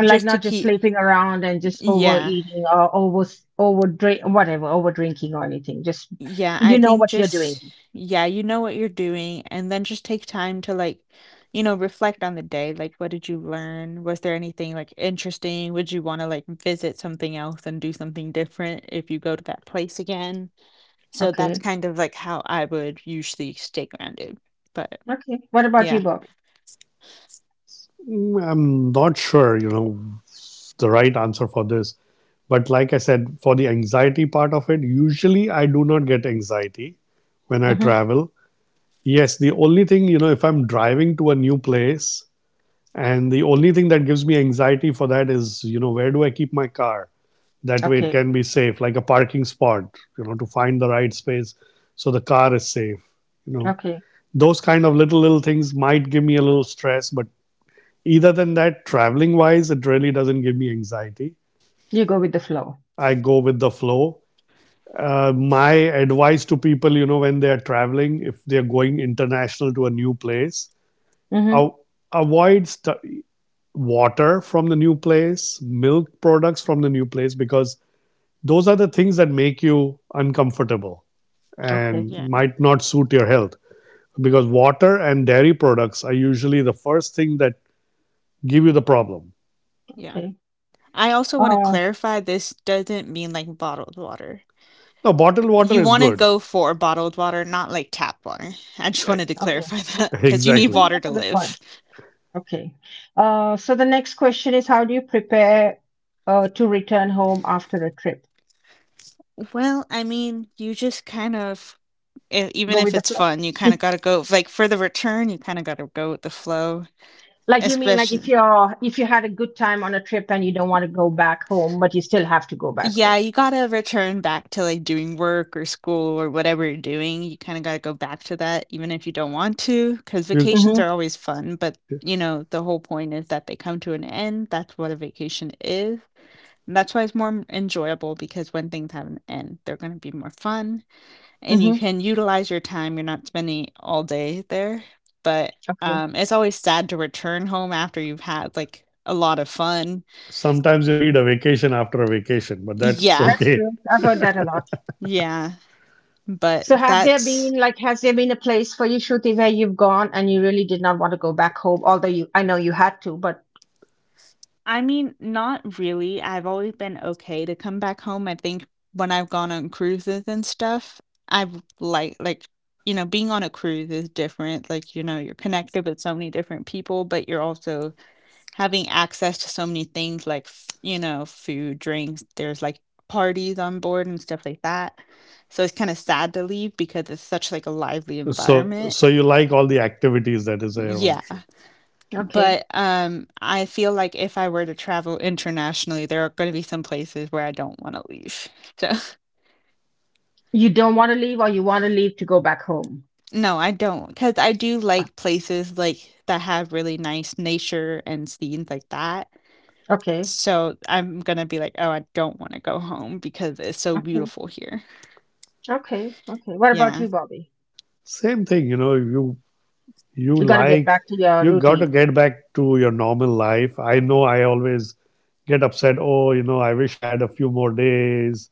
Like
just to
not just
keep,
sleeping around and just
yeah.
overeating or over over drink whatever over drinking or anything, just
Yeah, I
you know
think
what you're doing.
just yeah, you know what you're doing and then just take time to like, you know, reflect on the day. Like, what did you learn? Was there anything like interesting? Would you want to like visit something else and do something different if you go to that place again? So that's
Okay.
kind of like how I would usually stay grounded. But
Okay. What about you,
yeah,
Bobby?
am not sure, you know, the right answer for this. But like I said, for the anxiety part of it, usually I do not get anxiety when I
Mm-hmm.
travel. Yes, the only thing, you know, if I'm driving to a new place. And the only thing that gives me anxiety for that is, you know, where do I keep my car? That way it
Okay.
can be safe, like a parking spot, you know, to find the right space so the car is safe. You know,
Okay.
those kind of little, little things might give me a little stress, but either than that, traveling wise, it really doesn't give me anxiety.
You go with the flow.
I go with the flow. Uh, my advice to people, you know, when they are traveling, if they are going international to a new place,
Mm-hmm.
I'll avoid st- water from the new place, milk products from the new place, because those are the things that make you uncomfortable
Okay.
and
yeah,
might not suit your health. Because water and dairy products are usually the first thing that give you the problem.
yeah.
Okay.
I also want to
uh
clarify this doesn't mean like bottled water.
Now, bottled water
You
is
want to
good.
go for bottled water, not like tap water. I just wanted to
okay.
clarify that because you need
Okay,
Exactly.
water
that's
to
a good point.
live.
Okay. Uh so the next question is how do you prepare uh to return home after a trip?
Well, I mean, you just kind of, e- even
Go with
if
the
it's
flow.
fun, you kind of got to go, like, for the return, you kind of got to go with the flow.
Like, you mean like if
Especially,
you're, if you had a good time on a trip and you don't want to go back home, but you still have to go back
Yeah,
home?
you gotta return back to, like, doing work or school or whatever you're doing, you kinda gotta go back to that even if you don't want to. Because
You,
vacations
Mm-hmm.
are always fun, but, you know, the whole point is that they come to an end, that's what a vacation is, and that's why it's more m enjoyable because when things have an end, they're gonna be more fun, and you
Mm-hmm.
can utilize your time, you're not spending all day there, but,
Okay.
um, it's always sad to return home after you've had, like, a lot of fun.
sometimes you need a vacation after a vacation, but that's
Yeah,
That's
okay.
true. I've heard that a lot.
yeah. But
So have there
that's
been like, has there been a place for you, Shruti, where you've gone and you really did not want to go back home, although you, I know you had to, but
I mean, not really. I've always been okay to come back home. I think when I've gone on cruises and stuff, I've like like you know, being on a cruise is different. Like, you know, you're connected with so many different people, but you're also having access to so many things like, f- you know, food, drinks. There's like parties on board and stuff like that. So it's kind of sad to leave because it's such like a lively
So,
environment.
so you like all the activities that is there on
Yeah.
the ship.
okay.
But, um, I feel like if I were to travel internationally, there are gonna be some places where I don't wanna leave. So
You don't want to leave or you want to leave to go back home?
no, I don't, not because I do
Uh,
like places, like, that have really nice nature and scenes like that.
Okay.
So I'm gonna be like, "Oh, I don't wanna go home because it's so
Okay.
beautiful here."
Okay. Okay. What about
Yeah,
you, Bobby?
Same thing, you know, you you
You got to get
like
back to your
you got
routine.
to get back to your normal life. I know I always get upset, oh, you know, I wish I had a few more days,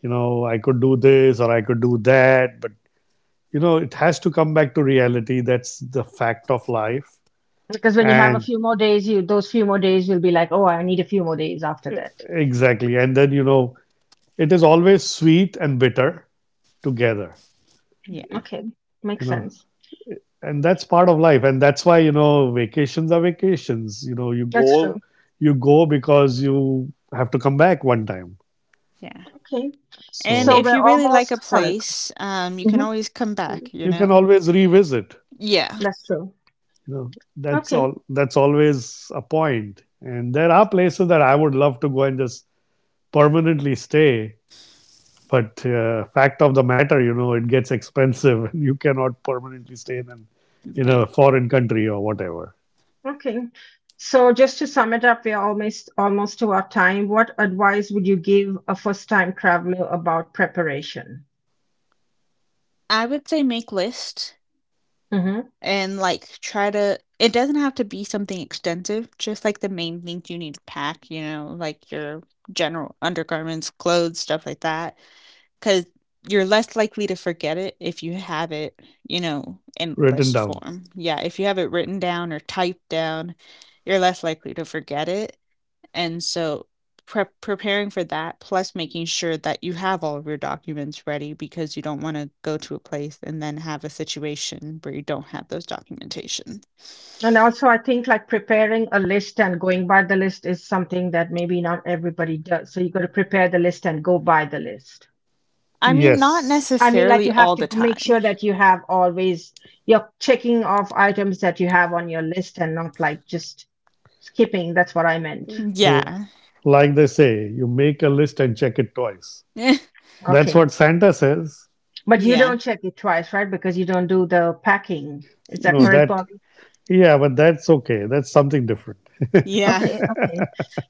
you know, I could do this or I could do that. But you know, it has to come back to reality. That's the fact of life.
Because when you have a
And
few more days, you those few more days will be like, oh, I need a few more days after that.
exactly, and then, you know, it is always sweet and bitter together.
yeah,
Okay.
You
Makes
know,
sense.
and that's part of life, and that's why, you know, vacations are vacations. You know, you
That's
go,
true.
you go because you have to come back one time.
yeah.
Okay.
And
So
So
if
we're
you really like a
almost sorry.
place, um, you can
Mm-hmm.
always come back, you
you can
know?
always revisit.
Yeah,
That's true.
You know, that's
Okay.
all. That's always a point. And there are places that I would love to go and just permanently stay. But uh, fact of the matter, you know, it gets expensive, and you cannot permanently stay in an, in
yeah.
a foreign country or whatever.
Okay. So just to sum it up, we're almost almost to our time. What advice would you give a first-time traveler about preparation?
I would say make lists.
Hmm.
And, like, try to it doesn't have to be something extensive, just, like, the main things you need to pack, you know, like your general undergarments, clothes, stuff like that. Because 'cause you're less likely to forget it if you have it, you know, in
Written
list
down.
form. Yeah, if you have it written down or typed down, you're less likely to forget it. And so prep preparing for that, plus making sure that you have all of your documents ready because you don't wanna go to a place and then have a situation where you don't have those documentation.
And also, I think like preparing a list and going by the list is something that maybe not everybody does. So you got to prepare the list and go by the list.
I mean, not
I
Yes.
mean, like
necessarily
you have
all
to g-
the
make
time.
sure that you have always, you're checking off items that you have on your list and not like just skipping. That's what I meant.
L-
Yeah.
Like they say, you make a list and check it twice.
Eh,
That's
Okay.
what Santa says.
But you
yeah.
don't check it twice, right? Because you don't do the packing. Is that
No,
correct,
that,
Bobby?
yeah, but that's okay. That's something different.
Yeah.
Okay, okay.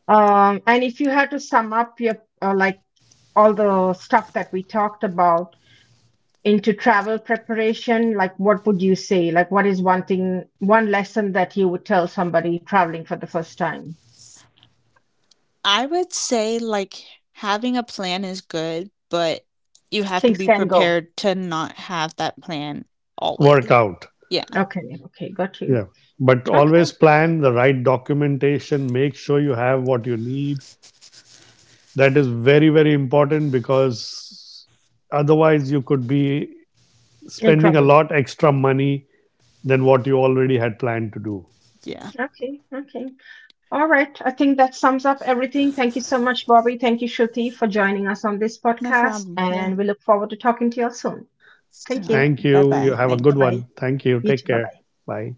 Um, and if you had to sum up your uh, like all the stuff that we talked about into travel preparation, like what would you say? Like what is one thing, one lesson that you would tell somebody traveling for the first time?
I would say, like, having a plan is good, but you have to
Things
be
can go.
prepared to not have that plan
Work
always.
out.
Yeah,
Okay, okay, got you.
Yeah. But
Okay,
always plan the right documentation, make sure you have what you need. That is very, very important because otherwise you could be
in
spending a
trouble.
lot extra money than what you already had planned to do.
yeah.
Okay, okay. All right. I think that sums up everything. Thank you so much, Bobby. Thank you, Shruti, for joining us on this
No
podcast.
problem, yeah.
And we look forward to talking to you all soon.
All
Thank you.
right.
Thank
Bye
you. You
bye.
have a
Bye
Thank
good
you.
bye.
one. Thank you.
You too.
Take
Bye
care.
bye.
Bye.